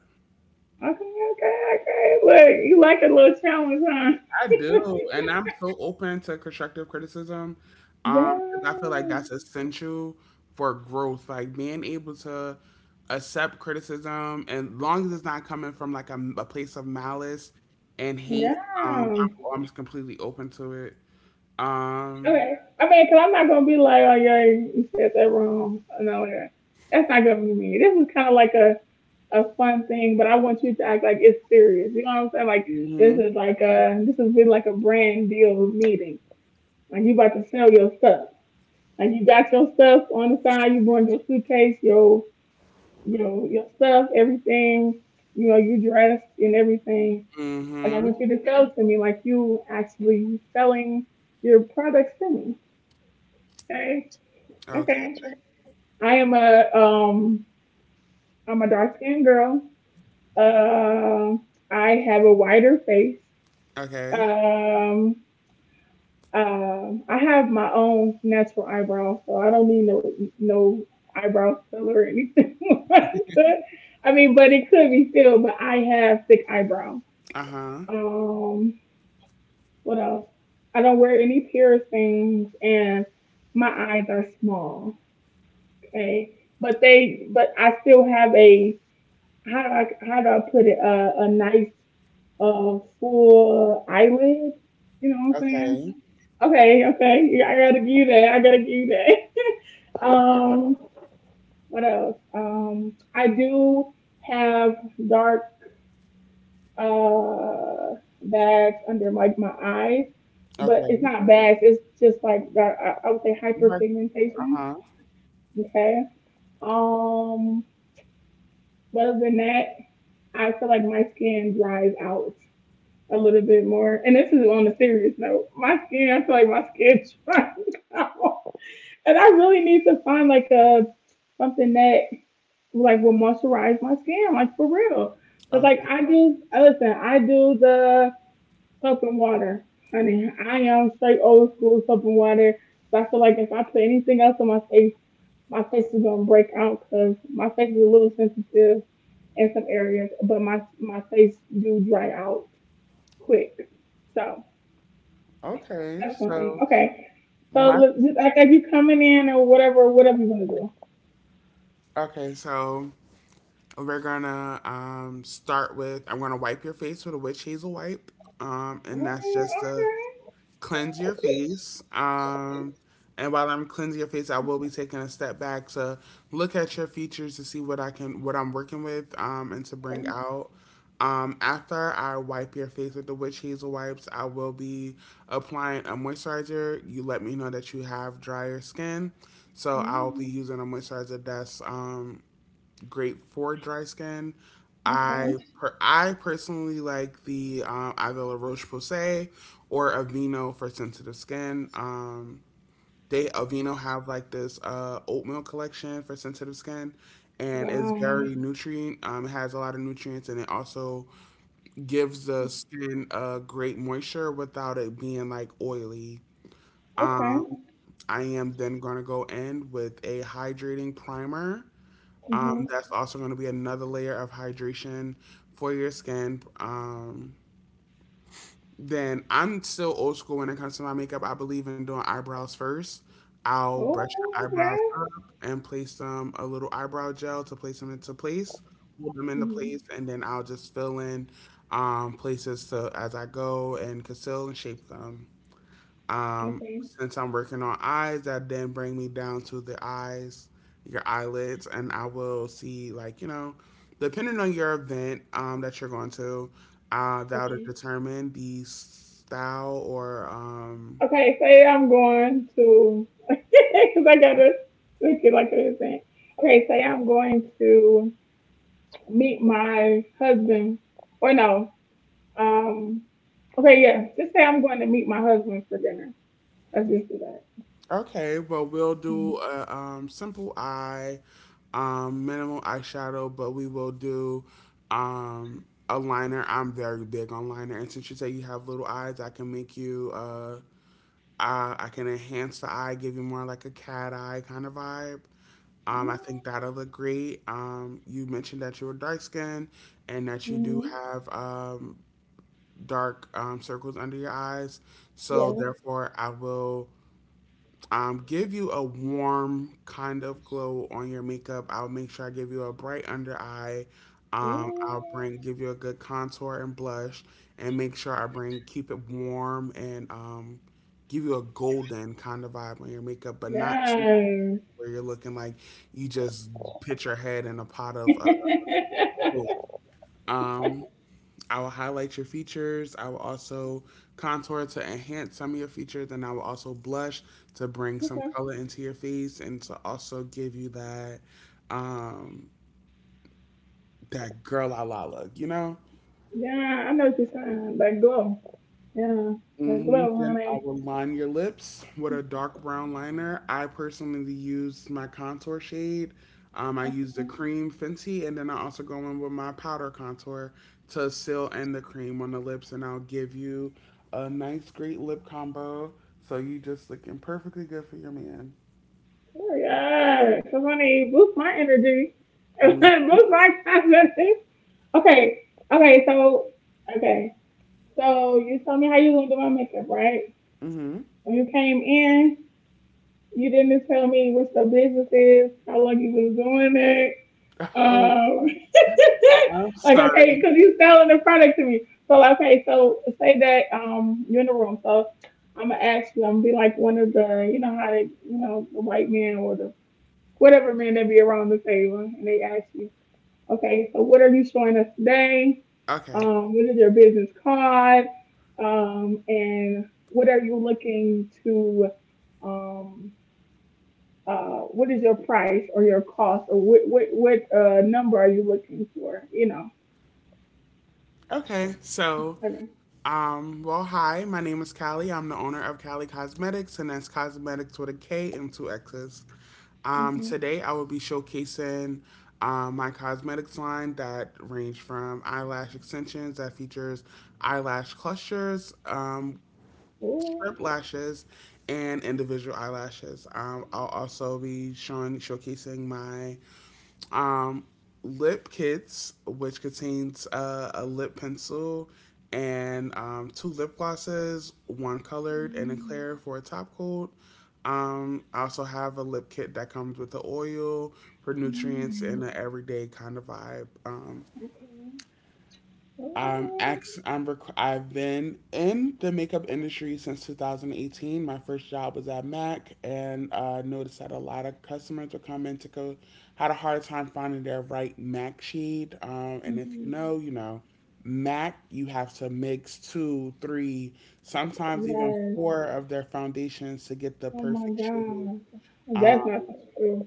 S1: Okay, okay, okay. Look, you like a little challenge, huh?
S2: I
S1: (laughs)
S2: do, and I'm so open to constructive criticism. 'Cause I feel like
S1: Yeah,
S2: that's essential for growth. Like being able to accept criticism, and long as it's not coming from like a place of malice and hate,
S1: yeah.
S2: I'm just completely open to it. Um,
S1: Okay. I mean, cause I'm not gonna be like, oh yeah, you said that wrong. No, like that's not gonna be me. This is kind of like a fun thing, but I want you to act like it's serious. You know what I'm saying? Like
S2: mhm,
S1: this is really like a brand deal meeting. Like you about to sell your stuff. Like you got your stuff on the side. You brought your suitcase, your, you know, your stuff, everything. You know you dressed and everything. And I
S2: mhm.
S1: want you to sell to me like you actually selling your products to me. Okay, okay.
S2: Okay,
S1: I am a I'm a dark skinned girl. Uh, I have a wider face.
S2: okay.
S1: Um, I have my own natural eyebrows, so I don't need no no eyebrow filler or anything (laughs) like that. I mean, but it could be filled. But I have thick eyebrows.
S2: Uh huh.
S1: Um, what else? I don't wear any piercings, and my eyes are small. Okay, but they, but I still have a, how do I put it? A nice full eyelid. You know what I'm saying?
S2: Okay,
S1: Okay, okay. Yeah, I gotta give you that. I gotta give you that. (laughs) Um, what else? I do have dark uh bags under like my eyes, but it's
S2: okay.
S1: not bags. It's just like dark, I would say
S2: Uh
S1: hyperpigmentation.
S2: huh.
S1: Okay. Um, but other than that, I feel like my skin dries out a little bit more. And this is on a serious note. My skin, I feel like my skin (laughs) dries out. And I really need to find like a something that like will moisturize my skin, like for real. Cause like
S2: Okay,
S1: I do, listen, I do the soap and water, honey. I am straight old school soap and water. So I feel like if I put anything else on my face is gonna break out because my face is a little sensitive in some areas, but my face do dry out quick. So
S2: okay.
S1: that's one thing.
S2: So
S1: Okay, so
S2: my
S1: look, just act like you coming in or whatever, whatever you wanna do.
S2: okay, so. We're gonna, start with I'm gonna wipe your face with a witch hazel wipe,
S1: Mm.
S2: and that's just to
S1: Okay.
S2: cleanse your face. And while I'm cleansing your face, I will be taking a step back to look at your features to see what I'm working with, and to bring out. After I wipe your face with the witch hazel wipes, I will be applying a moisturizer. You let me know that you have drier skin, so I'll be
S1: Mm.
S2: using a moisturizer that's, great for dry skin.
S1: Okay.
S2: I personally like the, either La Roche Posay or Aveeno for sensitive skin. They Aveeno have like this, oatmeal collection for sensitive skin, and it's
S1: Wow.
S2: very nutrient. It has a lot of nutrients, and it also gives the skin a great moisture without it being like oily. Um,
S1: Okay.
S2: I am then gonna go in with a hydrating primer.
S1: Mhm.
S2: That's also going to be another layer of hydration for your skin. Then I'm still old school when it comes to my makeup. I believe in doing eyebrows first. I'll brush your
S1: Oh,
S2: eyebrows up
S1: okay.
S2: and place them a little eyebrow gel to place them into place, hold them into place,
S1: Mhm.
S2: and then I'll just fill in, places to as I go and conceal and shape them.
S1: Okay.
S2: Since I'm working on eyes, that then bring me down to the eyes, your eyelids, and I will see, like, you know, depending on your event, that you're going to, that'll
S1: Okay.
S2: determine the style or, um.
S1: Okay. Say I'm going to, (laughs) because I gotta look it like it is saying. Okay. Say I'm going to meet my husband, or no. Um. Okay. Yeah. Just say I'm going to meet my husband for dinner. Let's just do that.
S2: Okay, well we'll
S1: Mm.
S2: do a, simple eye, minimal eyeshadow, but we will do, a liner. I'm very big on liner, and since you say you have little eyes, I can make you. I can enhance the eye, give you more like a cat eye kind of vibe.
S1: Mm,
S2: I think that'll look great. You mentioned that you were dark skinned and that you do
S1: mhm.
S2: have, dark, circles under your eyes. So,
S1: Yes.
S2: therefore, I will, give you a warm kind of glow on your makeup. I'll make sure I give you a bright under eye. I'll
S1: Mm.
S2: bring give you a good contour and blush, and make sure I bring keep it warm and, give you a golden kind of vibe on your makeup, but not too
S1: Yeah.
S2: where you're looking like you just put your head in a pot
S1: (laughs)
S2: of,
S1: Okay.
S2: gold. Um, I will highlight your features. I will also contour to enhance some of your features, and I will also blush to bring some color into your face and to also give you that, um that girl la la look, you know?
S1: Yeah, I know what you're saying. That glow. Yeah. That
S2: Mhm,
S1: glow,
S2: then I
S1: honey.
S2: will line your lips with a dark brown liner. I personally use my contour shade. I use the cream Fenty, and then I also go in with my powder contour to seal in the cream on the lips, and I'll give you a nice, great lip combo. So you just looking perfectly good for your man.
S1: Yeah. Cause honey, boost my energy. (laughs) Boost
S2: Mm.
S1: my confidence. Okay. Okay, so okay. So you told me how you gonna do my makeup, right?
S2: Mm-hmm.
S1: When you came in, you didn't just tell me what your business is, how long you been doing it.
S2: (laughs) Oh,
S1: Um,
S2: I'm
S1: (laughs) like okay,
S2: sorry.
S1: because you're selling the product to me. So okay, so say that you're in the room. So I'm gonna ask you. I'm gonna be like one of the, you know how they, you know, the white man or the whatever man that be around the table, and they ask you, okay, so what are you showing us today?
S2: Okay.
S1: What is your business card? And what are you looking to? Um what is your price or your cost or what number are you looking for? You know.
S2: Okay. So
S1: Okay.
S2: Well, hi, my name is Callie. I'm the owner of Callie Cosmetics, and that's Cosmetics with a K and two X's.
S1: Mm-hmm.
S2: Today, I will be showcasing my cosmetics line that range from eyelash extensions that features eyelash clusters, strip
S1: Oh.
S2: lashes, and individual eyelashes. I'll also be showing showcasing my um, Lip Kits, which contains a lip pencil and two lip glosses, one colored and a clear for a top coat. I also have a lip kit that comes with the oil for nutrients and
S1: Mm.
S2: an everyday kind of vibe.
S1: Okay.
S2: I'm
S1: Oh.
S2: ex. I'm. Rec- I've been in the makeup industry since 2018. My first job was at Mac, and noticed that a lot of customers would come in to go had a hard time finding their right Mac shade. And if you
S1: Mhm.
S2: know, you know, Mac, you have to mix two, three, sometimes even
S1: Yes.
S2: four of their foundations to get the
S1: Oh my
S2: perfect shade.
S1: God.
S2: Um,
S1: That's not so true.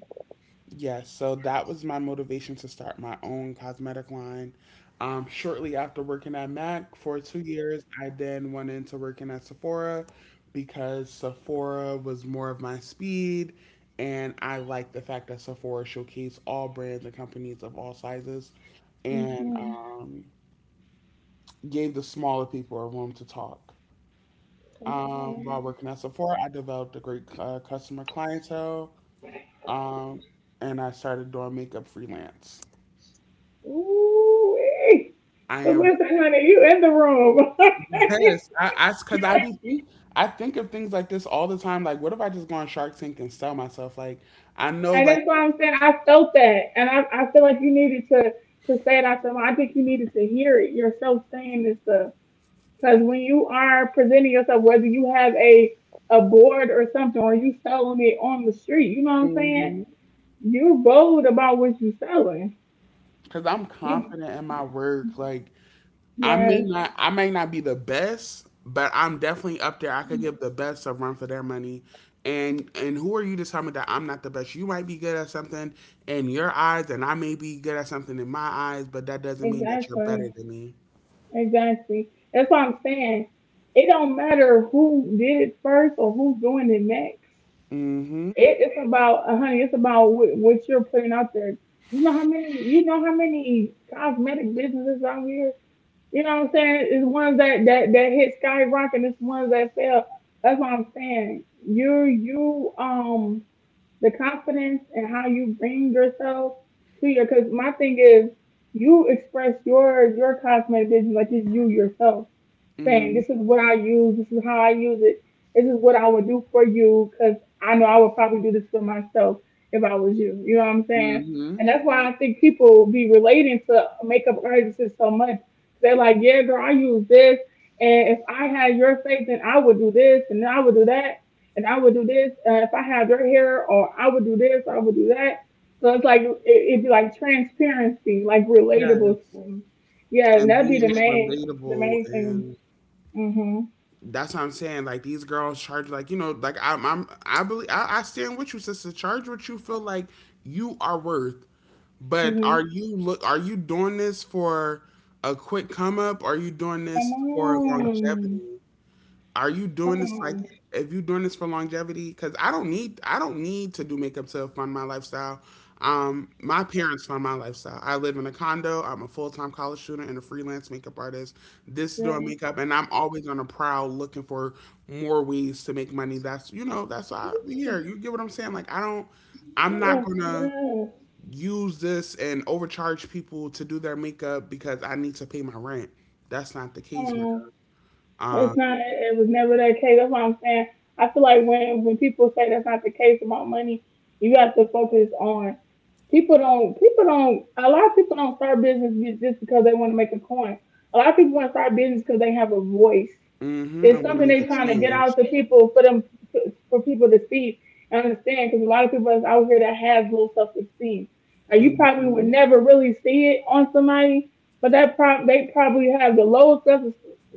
S2: Yes, so that was my motivation to start my own cosmetic line. Shortly after working at MAC for 2 years, I then went into working at Sephora because Sephora was more of my speed, and I liked the fact that Sephora showcased all brands and companies of all sizes, and
S1: Mm-hmm.
S2: gave the smaller people a room to talk. While
S1: Okay.
S2: working at Sephora, I developed a great customer clientele, um, and I started doing makeup freelance.
S1: Ooh.
S2: I
S1: So
S2: am ready.
S1: listen, honey, you in the room. (laughs)
S2: Yes, I because I be think, I think of things like this all the time. Like, what if I just go on Shark Tank and sell myself? Like, I know,
S1: And
S2: like,
S1: that's why I'm saying I felt that, and I feel like you needed to say it out to them. I think you needed to hear it yourself saying this stuff. Because when you are presenting yourself, whether you have a board or something, or you selling it on the street, you know what I'm saying?
S2: because
S1: You're bold about what you're selling.
S2: I'm
S1: You
S2: confident in my work. Like,
S1: yes,
S2: I may not be the best, but I'm definitely up there. I could give the best a run for their money. And who are you to tell me that I'm not the best? You might be good at something in your eyes, and I may be good at something in my eyes, but that doesn't mean that you're better
S1: exactly,
S2: than me.
S1: exactly. That's what I'm saying. It don't matter who did it first or who's doing it next.
S2: Mm-hmm.
S1: It's about, honey, it's about what you're putting out there. You know how many, you know how many cosmetic businesses out here. You know what I'm saying? It's ones that that hit skyrocket. It's ones that fail. That's what I'm saying. You the confidence and how you bring yourself to your, because my thing is you express your cosmetic business like it's you yourself saying
S2: Mm-hmm.
S1: this is what I use, this is how I use it, this is what I would do for you, because I know I would probably do this for myself if I was you. You know what I'm saying?
S2: Mm-hmm.
S1: And that's why I think people be relating to makeup artists so much. They're like, yeah, girl, I use this, and if I had your faith, then I would do this, and I would do that, and I would do this if I had your hair, or I would do this, I would do that. So it's like it, it'd be like transparency, like relatable
S2: Yes.
S1: thing. Yeah, and
S2: And
S1: that'd be
S2: being
S1: the
S2: relatable,
S1: main thing.
S2: and
S1: Mhm.
S2: that's what I'm saying. Like these girls charge like you know like I'm I believe I stand with you, sister. Charge what you feel like you are worth. But
S1: Mhm.
S2: are you doing this for a quick come up? Are you doing
S1: Come
S2: this for
S1: on,
S2: longevity? Are you
S1: come
S2: doing this like
S1: on.
S2: if you doing this for longevity? Because I don't need to do makeup to fund my lifestyle. My parents fund my lifestyle. I live in a condo. I'm a full time college student and a freelance makeup artist. This is doing
S1: Yeah.
S2: makeup, and I'm always on the prowl looking for more ways to make money. That's you know that's why we here.
S1: Yeah.
S2: You get what I'm saying? Like I don't. I'm not gonna
S1: Yeah.
S2: use this and overcharge people to do their makeup because I need to pay my rent. That's not the
S1: Come
S2: case, my
S1: on.
S2: girl.
S1: It's not. It was never that case. That's what I'm saying. I feel like when people say that's not the case about money, you have to focus on. People don't. People don't. A lot of people don't start business just because they want to make a coin. A lot of people want to start business because they have a voice.
S2: Mhm.
S1: It's
S2: I wanna
S1: something
S2: make a
S1: they're trying to get
S2: change.
S1: out to people, for them, for people to see and understand, because a lot of people is out here that have low self esteem. Now you probably would
S2: Mhm.
S1: never really see it on somebody, but that prob they probably have the lowest self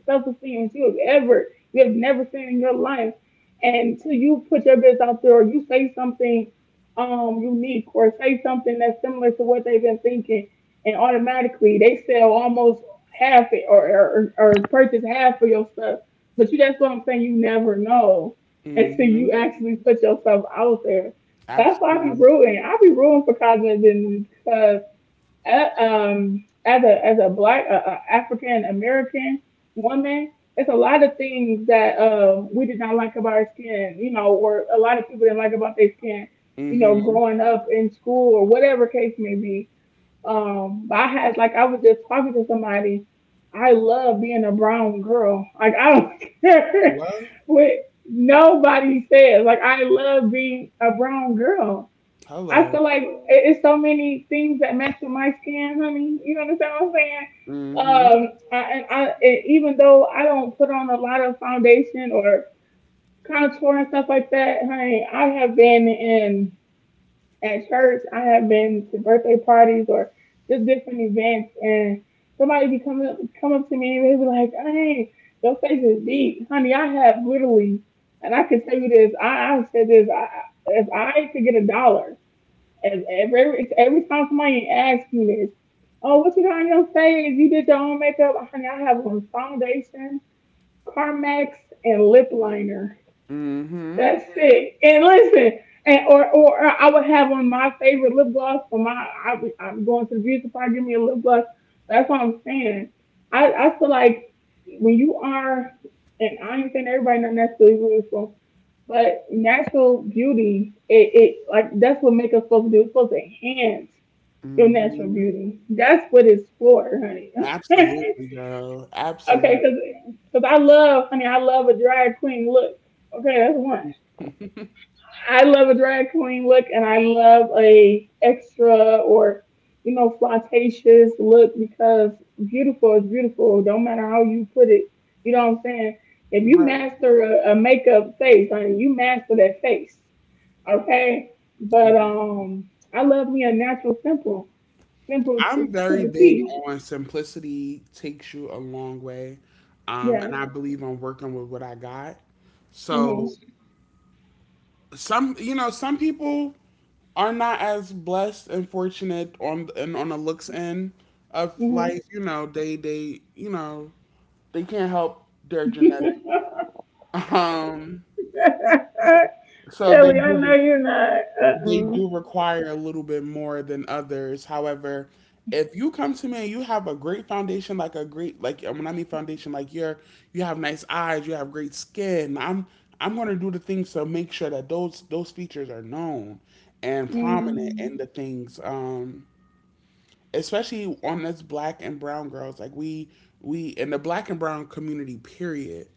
S1: self esteem that you have ever you have never seen in your life. And until you put your business out there or you say something unique or say something that's similar to what they've been thinking, and automatically they sell almost half it or purchase half of your stuff but you that's what I'm saying, you never know until
S2: Mhm.
S1: you actually put yourself out there. That's why I be
S2: Absolutely.
S1: rooting. I be rooting for Cosmo because as a black African American woman, it's a lot of things that we did not like about our skin, or a lot of people didn't like about their skin,
S2: Mhm.
S1: growing up in school or whatever case may be. I had like I was just talking to somebody. I love being a brown girl. Like I don't (laughs) care
S2: Hello?
S1: what nobody says. Like I love being a brown girl. I
S2: Hello.
S1: feel like it's so many things that match with my skin, honey. You understand what I'm saying?
S2: Mhm.
S1: I and even though I don't put on a lot of foundation or contour and stuff like that, honey, I have been in at church. I have been to birthday parties or just different events, and somebody be come up to me, and they be like, "Hey, your face is deep, honey." I have literally, and I can tell you this. I've said this. If I could get a dollar, if every time somebody asks me this, "Oh, what you got on your face? You did your own makeup, honey?" I have on foundation, Carmex, and lip liner.
S2: Mhm.
S1: That's it. And listen, and or I would have on my favorite lip gloss for my. I'm going to the beauty supply. Give me a lip gloss. That's what I'm saying. I feel like when you are, and I ain't saying everybody not necessarily beautiful, but natural beauty, it like that's what make us supposed to do. It's supposed to enhance your natural
S2: Mhm.
S1: beauty. That's what it's for, honey. (laughs)
S2: Absolutely, girl.
S1: Okay,
S2: Absolutely.
S1: because I love, honey, I love a drag queen look. Okay, that's one.
S2: (laughs)
S1: I love a drag queen look, and I love a extra or flirtatious look because beautiful is beautiful. Don't matter how you put it. You know what I'm saying? If you
S2: Right.
S1: master a makeup face, I mean, you master that face, okay? But
S2: Yeah.
S1: I love me a natural simple, to
S2: I'm very
S1: the
S2: big
S1: T.
S2: on simplicity takes you a long way.
S1: Yeah.
S2: And I believe on working with what I got. So
S1: Mhm.
S2: some, you know, some people are not as blessed and fortunate on the looks end of
S1: Mhm.
S2: life. You know, they you know they can't help their genetic.
S1: (laughs)
S2: Um,
S1: Kelly,
S2: so
S1: I know you're not.
S2: they
S1: Uh-uh.
S2: do require a little bit more than others. However, if you come to me and you have a great foundation, like a great like and when I mean foundation, like you're you have nice eyes, you have great skin. I'm gonna do the things to make sure that those features are known and prominent
S1: Mm-hmm.
S2: in the things. Especially on us black and brown girls, like we in the black and brown community period,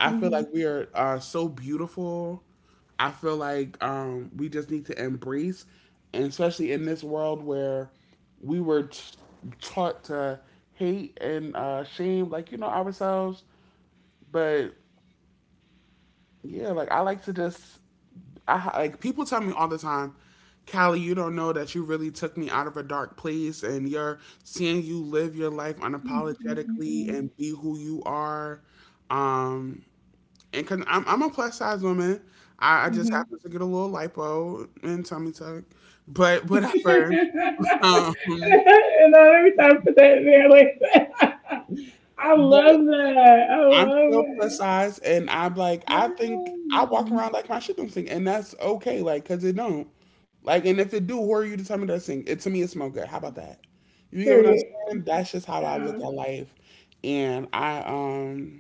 S2: I feel
S1: Mm-hmm. Mm-hmm.
S2: like we are so beautiful. I feel like we just need to embrace, and especially in this world where we were t- taught to hate and shame like you know ourselves, but yeah, like I like people tell me all the time, Callie, you don't know that you really took me out of a dark place, and you're seeing you live your life unapologetically
S1: Mm-hmm.
S2: and be who you are. Um, and cause I'm a plus size woman, I just
S1: Hmm.
S2: happen to get a little lipo and tummy tuck, but
S1: (laughs) And
S2: whatever. (laughs) Um,
S1: I every time put that in there like (laughs) that. I
S2: but
S1: love that. I
S2: I'm
S1: love
S2: still plus
S1: it.
S2: size, and I'm like, I think I
S1: Yeah.
S2: walk around like my shit don't sink, and that's okay, like, cause it don't. Like, and if it do, who are you to tell me that sink? It to me, it smell good. How about that? You get what I'm
S1: Period.
S2: saying? That's just how I look
S1: Uh,
S2: at life, and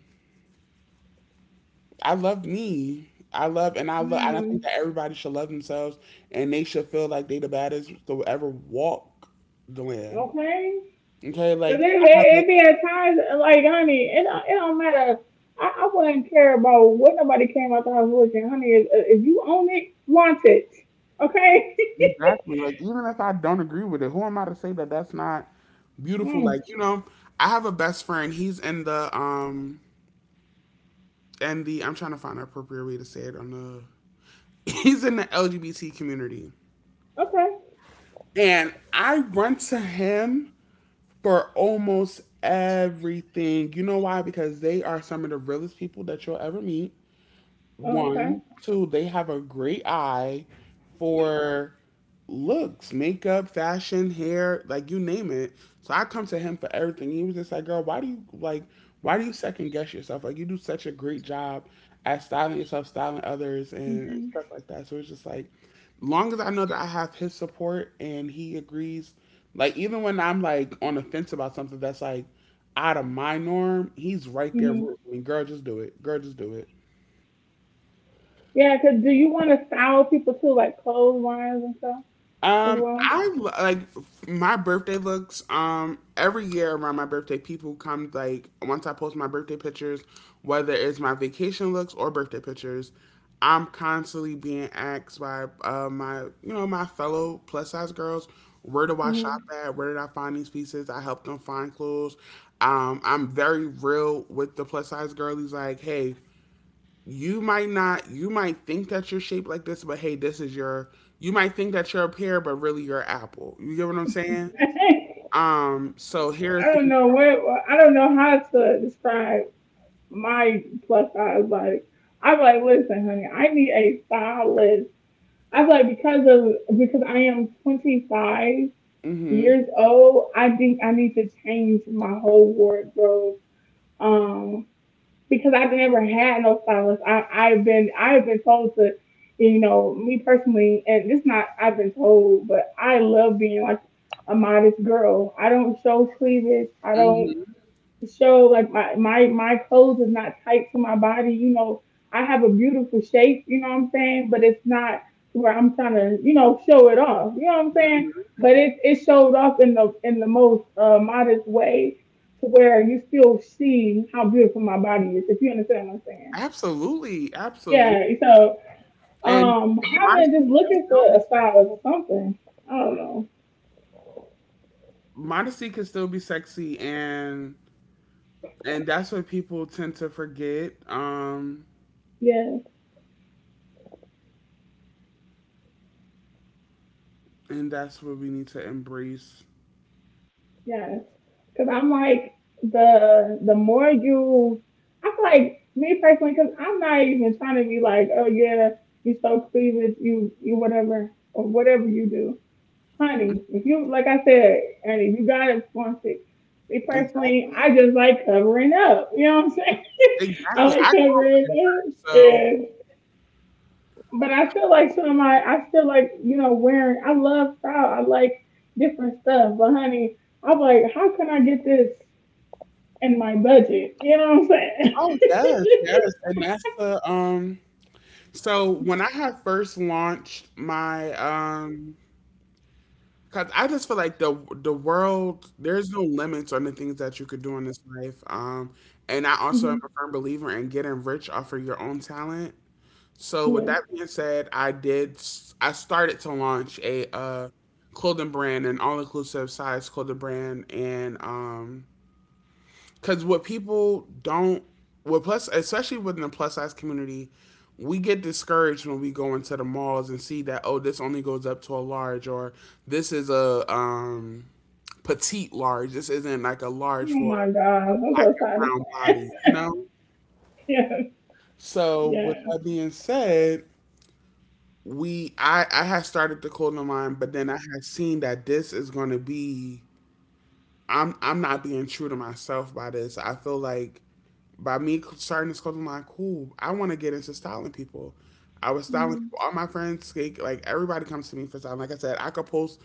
S2: I love me. I love, and I think
S1: mm,
S2: that everybody should love themselves, and they should feel like they the baddest to ever walk the land.
S1: okay.
S2: Okay,
S1: Cause
S2: like
S1: it, it,
S2: I have a
S1: it be at times like honey, it don't matter. I wouldn't care about what nobody came out the house with. And honey, if you own it, flaunt it. Okay.
S2: exactly. Like, even if I don't agree with it, who am I to say that that's not
S1: (laughs)
S2: beautiful?
S1: mm,
S2: Like, you know, I have a best friend. He's in the I'm trying to find an appropriate way to say it on the. (laughs) He's in the LGBT community,
S1: okay.
S2: and I run to him for almost everything. You know why? Because they are some of the realest people that you'll ever meet.
S1: Oh, okay.
S2: One, two, they have a great eye for looks, makeup, fashion, hair, like you name it. So I come to him for everything. He was just like, "Girl, why do you like? Why do you second guess yourself? Like you do such a great job at styling yourself, styling others, and stuff like that." So it's just like, long as I know that I have his support and he agrees, like even when I'm like on the fence about something that's like out of my norm, he's right there rooting
S1: Hmm.
S2: for me. Girl, just do it. Girl, just do it.
S1: Yeah, 'cause do you want to style people too, like clotheslines and stuff as well?
S2: Like my birthday looks. Every year around my birthday, people come like once I post my birthday pictures, whether it's my vacation looks or birthday pictures. I'm constantly being asked by my you know my fellow plus size girls, where do I shop
S1: Hmm.
S2: at? Where did I find these pieces? I help them find clothes. I'm very real with the plus size girlies. Like, hey, you might not you might think that you're shaped like this, but hey, this is your, you might think that you're a pear but really you're an apple, you get what I'm saying.
S1: (laughs)
S2: So here are
S1: I don't
S2: things.
S1: know what I don't know how to describe my plus size. Like I'm like, listen, honey, I need a stylist. I'm like because I am 25
S2: Hmm.
S1: years old. I think I need to change my whole wardrobe. Um, because I've never had no stylist. I've been told to, you know, me personally, and this not I've been told, but I love being like a modest girl. I don't show cleavage. I don't
S2: Hmm.
S1: to show like my clothes is not tight to my body. You know, I have a beautiful shape. You know what I'm saying? But it's not to where I'm trying to show it off. You know what I'm saying? But it showed off in the most modest way to where you still see how beautiful my body is. If you understand what I'm saying?
S2: Absolutely, absolutely.
S1: Yeah. So
S2: And
S1: I've been
S2: modesty
S1: just
S2: can
S1: looking for
S2: still be
S1: a
S2: sexy.
S1: stylist or something. I don't know.
S2: Modesty can still be sexy And that's what people tend to forget,
S1: Yeah.
S2: and that's what we need to embrace.
S1: Yes, because I'm like the more you, I feel like me personally, because I'm not even trying to be like, oh yeah, you so cleavage, you whatever or whatever you do,
S2: Mm,
S1: honey. If you like I said, honey, you gotta flaunt it. Me personally,
S2: exactly,
S1: I just like covering up. You know what I'm saying? (laughs) I
S2: exactly. I
S1: like
S2: grew up
S1: covering
S2: rich,
S1: up,
S2: so
S1: and but I still like some of my, I still like wearing. I love style. I like different stuff, but honey. I'm like, how can I get this? And my budget. You know what I'm saying?
S2: oh yes, yes, and that's the So when I had first launched my cause I just feel like the world there's no limits on the things that you could do in this life. And I also am a firm believer in getting rich off of your own talent. So with
S1: (laughs) Yeah.
S2: that being said, I started to launch a clothing brand, an all inclusive size clothing brand, and because what people don't, what plus, especially within the plus size community, we get discouraged when we go into the malls and see that oh, this only goes up to a large, or this is a petite large. This isn't like a large
S1: Oh
S2: for
S1: my gosh,
S2: a
S1: I'm
S2: black
S1: so
S2: and
S1: tired of
S2: brown body, you know.
S1: (laughs) yeah,
S2: So with
S1: yeah.
S2: that being said, we I had started to call them mine, but then I had seen that this is going to be. I'm not being true to myself by this. I feel like by me starting this clothing line, cool. I want to get into styling people. I was styling
S1: Mm,
S2: people. All my friends, everybody, comes to me for styling. Like I said, I could post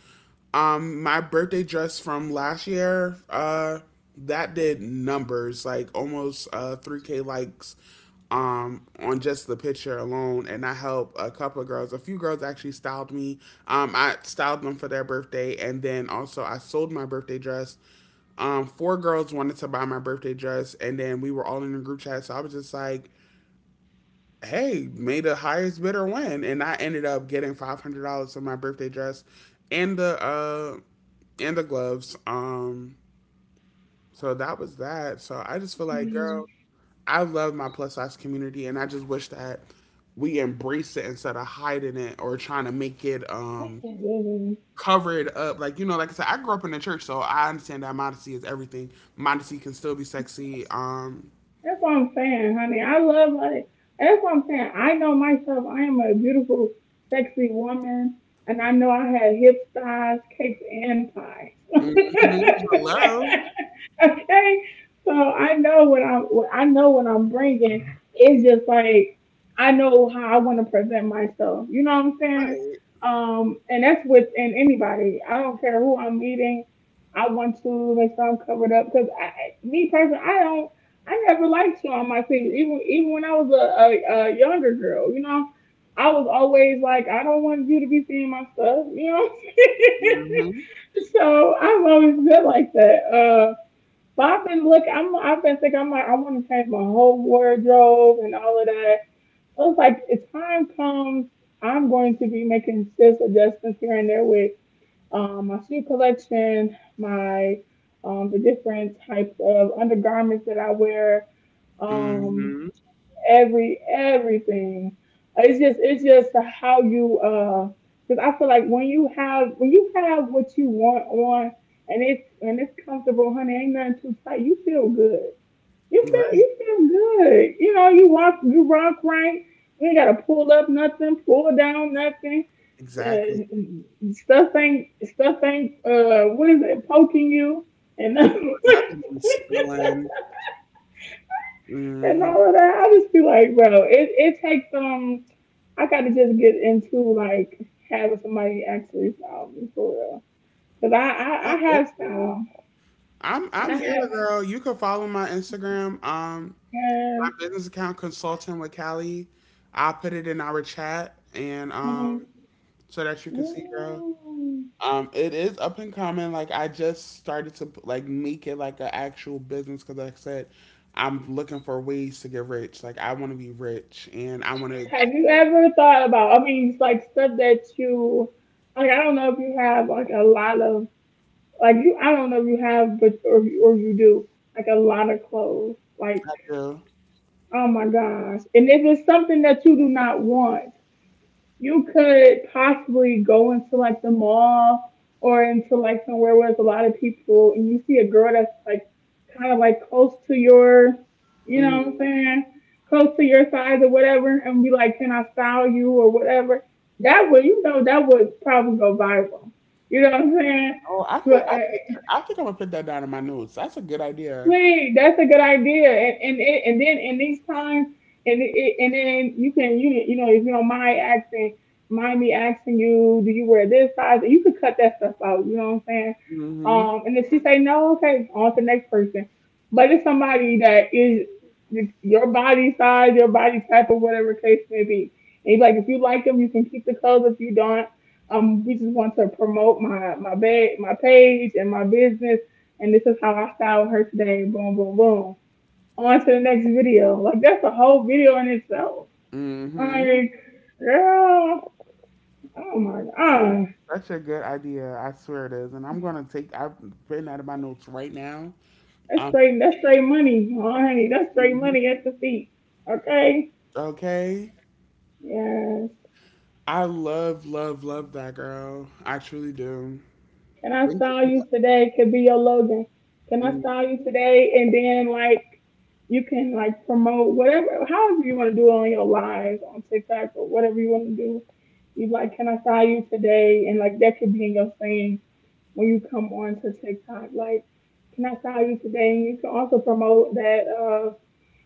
S2: my birthday dress from last year. That did numbers like almost 3K likes, on just the picture alone, and I helped a couple of girls. A few girls actually styled me. I styled them for their birthday, and then also I sold my birthday dress, four girls wanted to buy my birthday dress, and then we were all in a group chat. So I was just like, "Hey, made the highest bidder win," and I ended up getting $500 for my birthday dress, and the uh, and the gloves. So that was that. So I just feel like,
S1: mm.
S2: girl, I love my plus size community, and I just wish that we embrace it instead of hiding it or trying to make it
S1: I can't live in.
S2: covered up. Like you know, like I said, I grew up in the church, so I understand that modesty is everything. Modesty can still be sexy.
S1: That's what I'm saying, honey. I love like that's what I'm saying. I know myself. I am a beautiful, sexy woman, and I know I had hips, thighs, cakes, and pies. (laughs)
S2: Hmm. Hello,
S1: Okay, so I know what I'm. What I know what I'm bringing. It's just like I know how I want to present myself. You know what I'm saying?
S2: right?
S1: And that's with and anybody. I don't care who I'm meeting. I want to make sure I'm covered up because me personally, I don't. I never liked showing my titties, even when I was a younger girl. You know, I was always like, I don't want you to be seeing my stuff. You know,
S2: Hmm.
S1: (laughs) so I've always been like that. But I've been thinking I'm like I want to change my whole wardrobe and all of that. I was like, if time comes, I'm going to be making just adjustments here and there with my shoe collection, my the different types of undergarments that I wear um
S2: Hmm.
S1: everything. It's just how you because I feel like when you have what you want on, and it's comfortable, honey ain't nothing too tight, you feel good, you feel
S2: Right,
S1: you feel good, you know, you walk right. You ain't gotta pull up nothing, pull down nothing.
S2: exactly.
S1: Stuff ain't what is it, poking you and
S2: Or
S1: nothing.
S2: nothing be spilling.
S1: (laughs) And
S2: Hmm.
S1: all of that. I just be like, bro, it takes I gotta just get into like having somebody actually style me for real. Cause I, I,
S2: I'm
S1: I have
S2: open.
S1: style.
S2: I'm
S1: I
S2: I'm here,
S1: have
S2: girl. You can follow my Instagram. My
S1: hair.
S2: business account, consulting with Callie. I'll put it in our chat, and
S1: Hmm.
S2: um, so that you can see, girl.
S1: Mm.
S2: It is up and coming. Like I just started to like make it like an actual business because, like I said, I'm looking for ways to get rich. Like I want to be rich, and I want to.
S1: Have you ever thought about, I mean it's like stuff that you like, I don't know if you have like a lot of, like you, I don't know if you have, but or or you do like a lot of clothes. Like
S2: I do.
S1: oh my gosh. And if it's something that you do not want, you could possibly go into like the mall or into like somewhere where there's a lot of people, and you see a girl that's like kind of like you know what I'm
S2: Mhm.
S1: saying, close to your size or whatever, and be like, can I style you or whatever. That would probably go viral. You know what I'm saying?
S2: Oh,
S1: But,
S2: I could, I think I'm gonna put that down in my notes. That's a good idea.
S1: Wait, that's a good idea. And and then in these times, and and then you can if you don't mind asking, mind me asking you, do you wear this size? And you could cut that stuff out. You know what I'm saying?
S2: Mhm.
S1: And if she say no, okay, on to the next person. But it's somebody that is your body size, your body type, or whatever case may be. And he's like, if you like them, you can keep the clothes. If you don't, we just want to promote my page and my business, and this is how I styled her today. Boom, boom, boom. On to the next video. Like that's a whole video in itself.
S2: Mhm.
S1: Like, girl, oh my god,
S2: Such a good idea. I swear it is, and I'm gonna take. I've written out of my notes right now.
S1: that's
S2: Um.
S1: straight, that's straight money, honey. That's straight
S2: Mhm.
S1: money at the feet. Okay,
S2: Okay.
S1: yes.
S2: I love, love, love that girl. I truly do.
S1: Can I
S2: Thank you
S1: style
S2: for
S1: you
S2: that.
S1: today? Could be your Logan. Can I
S2: Mm-hmm.
S1: style you today? And then like you can like promote whatever, however you want to do it on your lives on TikTok or whatever you want to do. You like, can I style you today? And like that could be in your saying when you come on to TikTok. Like, can I style you today? And you can also promote that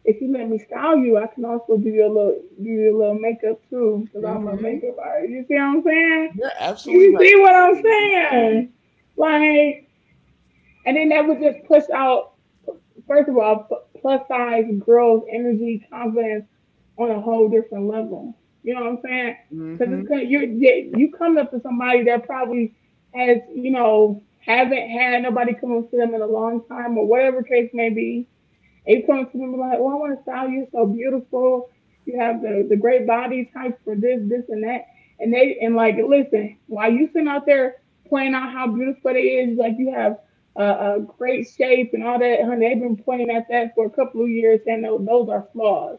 S1: if you let me style you, I can also do your little makeup too, because I'm a
S2: Mhm.
S1: makeup artist. You see what I'm saying?
S2: You're absolutely
S1: You
S2: right
S1: see what I'm
S2: about
S1: saying? Like, and then that would just push out, first of all, plus size growth, energy, confidence on a whole different level. You know what I'm saying? Because it's
S2: mhm.
S1: 'cause you're you you come up to somebody that probably has you know haven't had nobody come up to them in a long time or whatever case may be, April to them like, "Oh, I want to style you so beautiful. You have the great body type for this, this, and that." And they and like, listen, while you sitting out there pointing out how beautiful they is, like you have a, a great shape and all that, honey, they've been pointing at that for a couple of years, and those are flaws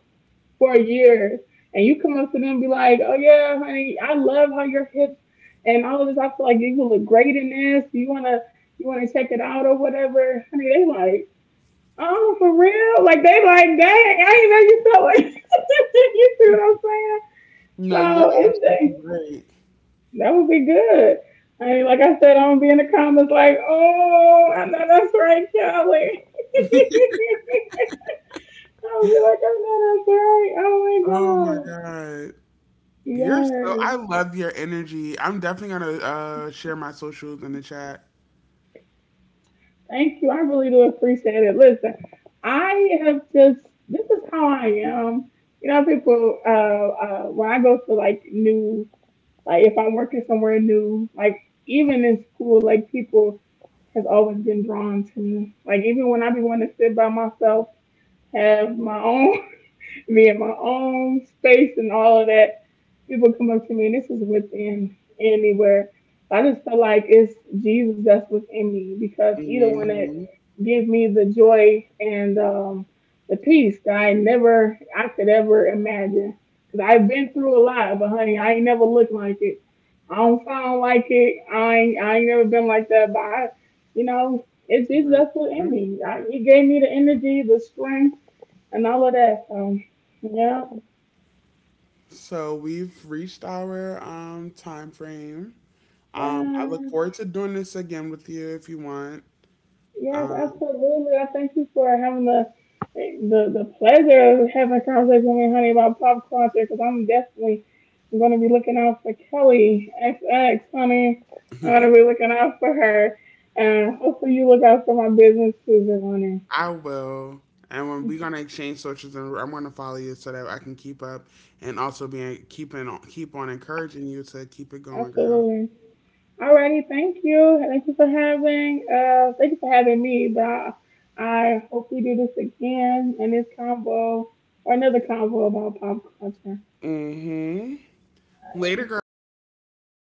S1: for years. And you come up to them and be like, "Oh yeah, honey, I love how your hips and all of this. I feel like you look great in this. You wanna." You want to check it out or whatever? Honey, they like, oh, for real? Like they like, dang, I ain't know you felt like (laughs) you see what I'm saying?
S2: No, you're
S1: So
S2: absolutely
S1: it's
S2: right.
S1: that would be good. I mean, like I said, I'm gonna be in the comments like, oh, I know that's right, Kelly. (laughs)
S2: (laughs)
S1: I'll be like, I know that's right. Oh my
S2: Oh my
S1: god.
S2: god. You're so
S1: Yes.
S2: I love your energy. I'm definitely gonna share my socials in the chat.
S1: Thank you. I really do appreciate it. Listen, I have just this is how I am. You know, people when I go to like new like if I'm working somewhere new, like even in school, like people has always been drawn to me. Like even when I be wanting to sit by myself, have my own me in my own space and all of that. People come up to me, and this is within anywhere. I just feel like it's Jesus that's within me because He's the one that
S2: Hmm.
S1: gives me the joy and the peace that I never, I could ever imagine. Because I've been through a lot, but honey, I ain't never looked like it. I don't sound like it. I ain't never been like that. But it's Jesus that's within
S2: Hmm.
S1: me. He gave me the energy, the strength and all of that. Yeah,
S2: So we've reached our time frame. I look
S1: yeah,
S2: forward to doing this again with you if you want.
S1: yes,
S2: Um,
S1: absolutely. I thank you for having the the pleasure of having a conversation with me, honey, about pop culture, because I'm definitely going to be looking out for Kelly XX, honey. I'm going to be looking out for her, and hopefully you look out for my business too, honey.
S2: I will. And when we're gonna exchange socials, and I'm gonna follow you so that I can keep up and also be keep on encouraging you to keep it going, girl.
S1: Absolutely. Alrighty, thank you. Thank you for having me, but I hope we do this again in this combo or another combo about pop culture.
S2: Later, girl.